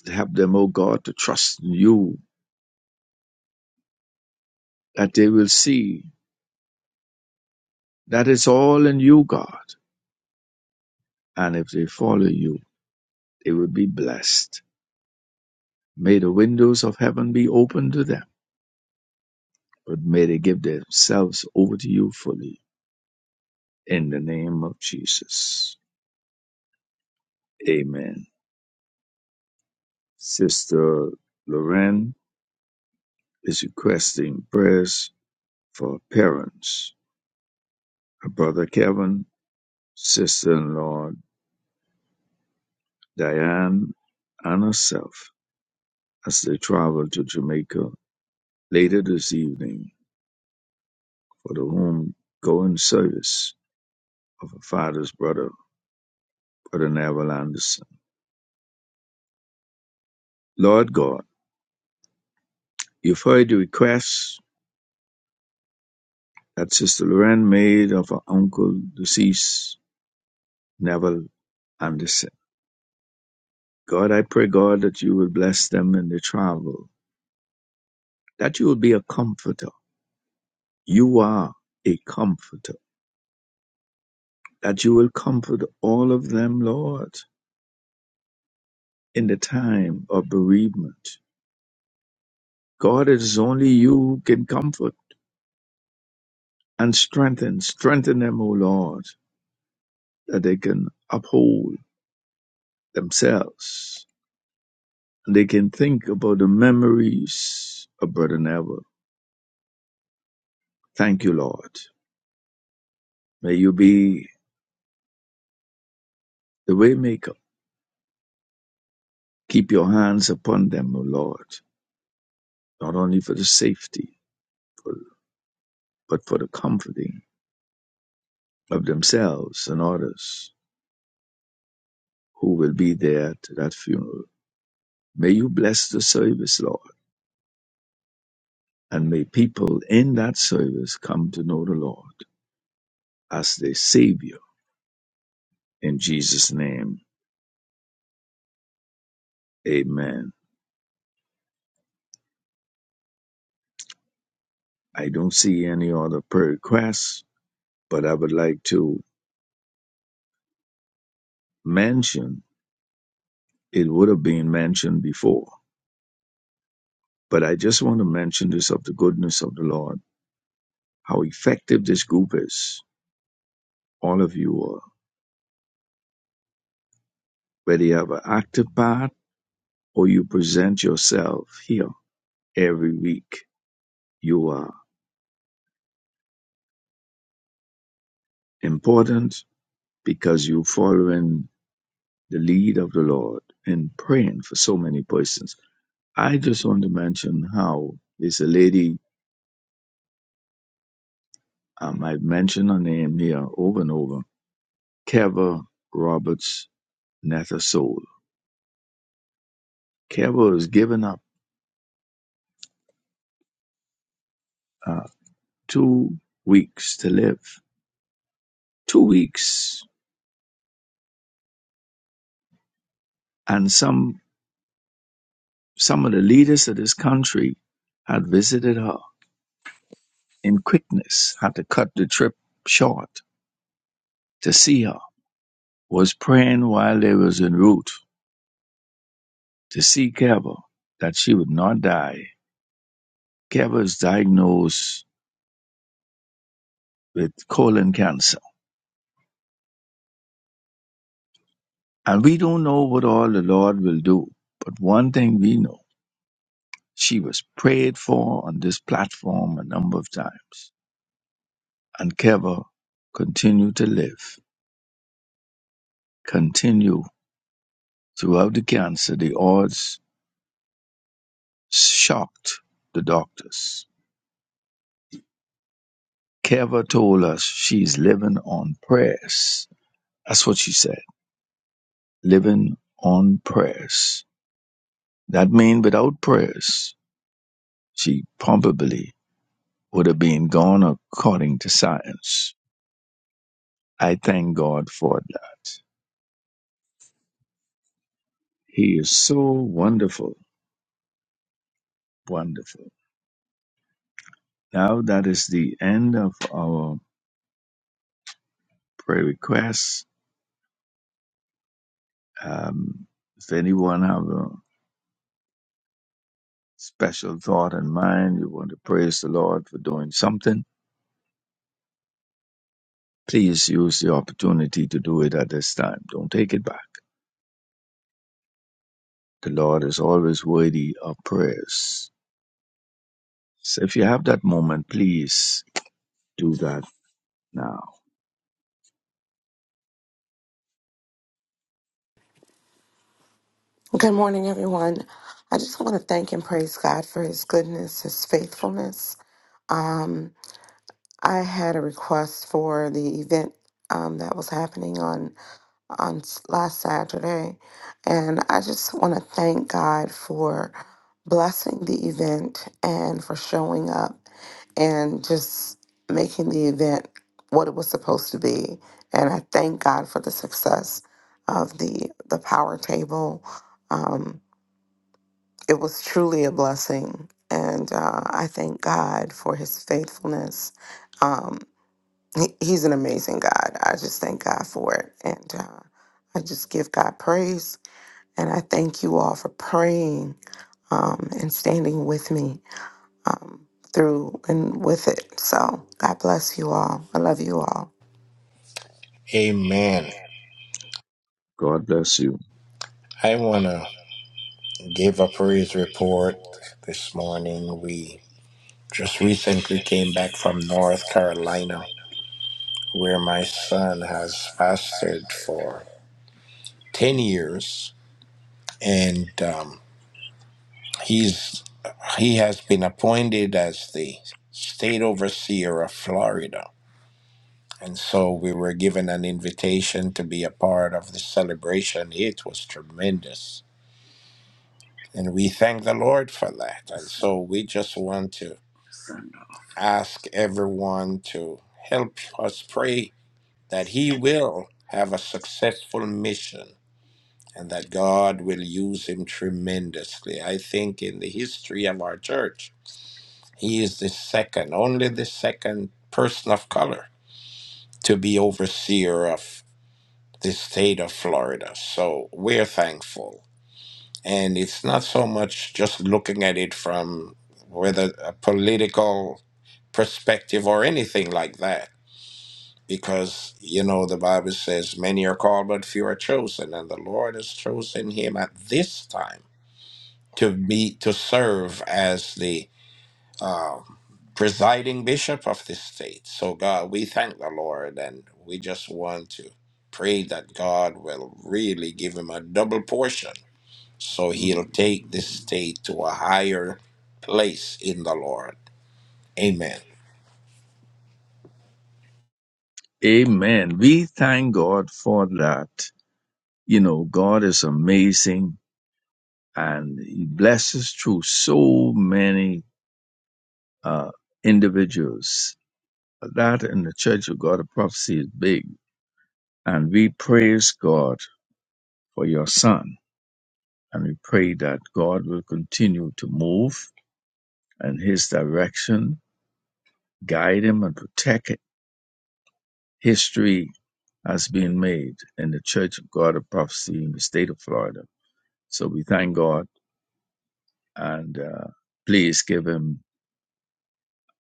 Help them, oh God, to trust in you, that they will see that it's all in you, God. And if they follow you, they will be blessed May the windows of heaven be open to them, but may they give themselves over to you fully. In the name of Jesus. Amen. Sister Lorraine is requesting prayers for parents, her brother Kevin, sister in law Diane, and herself as they travel to Jamaica later this evening for the home going service of her father's brother, Brother Neville Anderson. Lord God, You've heard the request that Sister Lorraine made of her uncle, deceased Neville Anderson. God, I pray, God, that you will bless them in their travel, that you will be a comforter. You are a comforter, that you will comfort all of them, Lord, in the time of bereavement. God, it is only you who can comfort and strengthen. Strengthen them, O Lord, that they can uphold themselves They can think about the memories of Brother Neville. Thank you, Lord. May you be the waymaker. Keep your hands upon them, O Lord, not only for the safety, for- but for the comforting of themselves and others who will be there to that funeral. May you bless the service, Lord, and may people in that service come to know the Lord as their Savior. In Jesus' name, amen. I don't see any other prayer requests. but I would like to mention it would have been mentioned before. But I just want to mention this of the goodness of the Lord, how effective this group is. All of you are, whether you have an active part or you present yourself here every week, you are important because you're following the lead of the Lord and praying for so many persons. I just want to mention how it's a lady, um, I've mentioned her name here over and over Kevin Roberts Natasola. Kevin was given up uh, two weeks to live. Two weeks, and some some of the leaders of this country had visited her in quickness. Had to cut the trip short to see her. Was praying while they was en route to see Keva that she would not die. Keva is diagnosed with colon cancer, and we don't know what all the Lord will do. But one thing we know. She was prayed for on this platform a number of times. And Keva continued to live, continue throughout the cancer. The odds shocked the doctors. Keva told us she's living on prayers. That's what she said. Living on prayers. That means without prayers, she probably would have been gone according to science. I thank God for that. He is so wonderful Wonderful. Now that is the end of our prayer requests. Um, if anyone have a special thought in mind, you want to praise the Lord for doing something, please use the opportunity to do it at this time. Don't take it back. The Lord is always worthy of prayers. So if you have that moment, please do that now.
Good morning, everyone. I just want to thank and praise God for his goodness, his faithfulness. Um, I had a request for the event um, that was happening on, on s- last Saturday, and I just want to thank God for blessing the event and for showing up and just making the event what it was supposed to be. And I thank God for the success of the the power table. Um, it was truly a blessing. And uh, I thank God for his faithfulness. Um, he, he's an amazing God. I just thank God for it. And uh, I just give God praise. And I thank you all for praying um, and standing with me um, through and with it. So God bless you all. I love you all.
Amen.
God bless you.
I want to give a praise report this morning. We just recently came back from North Carolina, where my son has fasted for 10 years. And um, He's he has been appointed as the state overseer of Florida. And so we were given an invitation to be a part of the celebration. It was tremendous. And we thank the Lord for that. And so we just want to ask everyone to help us pray that he will have a successful mission and that God will use him tremendously. I think in the history of our church, He is the second, only the second person of color to be overseer of the state of Florida. So we're thankful. And it's not so much just looking at it from whether a political perspective or anything like that. Because, you know, the Bible says, many are called, but few are chosen. And the Lord has chosen him at this time to be, to serve as the um, presiding bishop of this state. So, God, we thank the Lord and we just want to pray that God will really give him a double portion so he'll take this state to a higher place in the Lord. Amen.
Amen. We thank God for that. You know, God is amazing and he blesses through so many uh, individuals. That in the Church of God of Prophecy is big. And we praise God for your son. And we pray that God will continue to move in his direction, guide him, and protect it. History has been made in the Church of God of Prophecy in the state of Florida. So we thank God and uh, please give him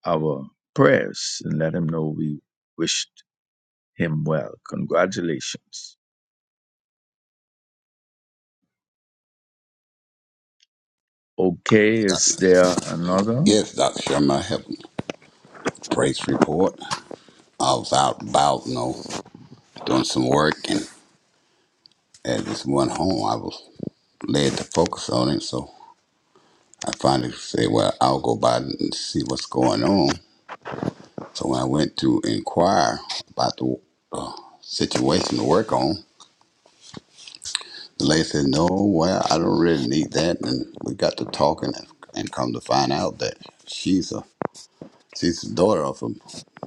our prayers and let him know we wish him well. Congratulations. Okay, is there another?
Yes, Dr. Sherman, I have a praise report. I was out about, you know, doing some work, and as this one home, I was led to focus on it. So I finally said, well, I'll go by and see what's going on. So when I went to inquire about the situation to work on, the lady said, no, well, I don't really need that. And we got to talking and, and come to find out that she's a She's the daughter of him,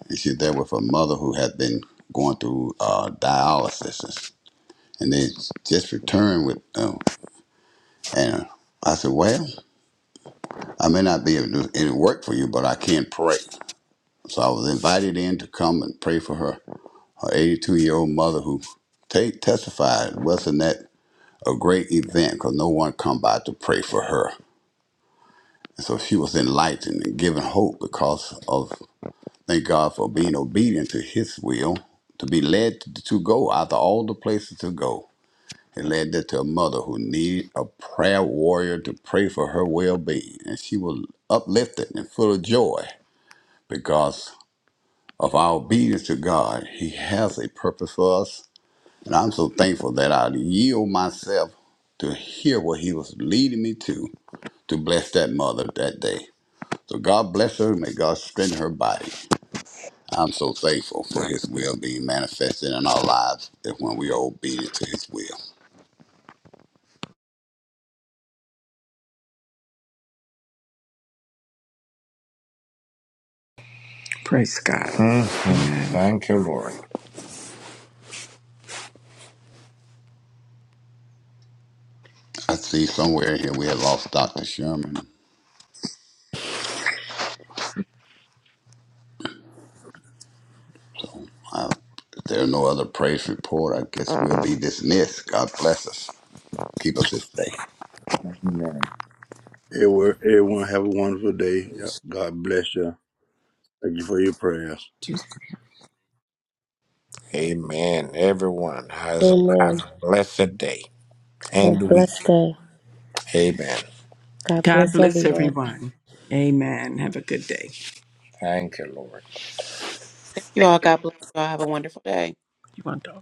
and she's there with her mother who had been going through uh, dialysis, and they just returned with them. And I said, "Well, I may not be able to do any work for you, but I can pray." So I was invited in to come and pray for her, her 82 year old mother who ta testified. Wasn't that a great event? Because no one come by to pray for her. And so she was enlightened and given hope because of Thank God for being obedient to His will, to be led to, to go out of all the places to go. It led her to a mother who needed a prayer warrior to pray for her well being. And she was uplifted and full of joy because of our obedience to God. He has a purpose for us. And I'm so thankful that I yield myself to hear what He was leading me to to bless that mother that day. So God bless her. May God strengthen her body. I'm so thankful for His will being manifested in our lives if when we are obedient to His will.
Mhm. Thank you, Lord.
I see somewhere here we have lost Dr. Sherman. If there are no other praise report, I guess we'll be dismissed. God bless us. Keep us this day.
Everyone, everyone have a wonderful day. Y'all- God bless you. Thank you for your prayers.
Just Amen. Everyone has a, have
Amen.
a blessed day
Have a
and
blessed
week.
day.
Amen.
God
God
bless
bless
everyone.
everyone. Amen. Have a good day. Thank you, Lord.
Thank you all. God bless you all. Have a wonderful day.
You want to?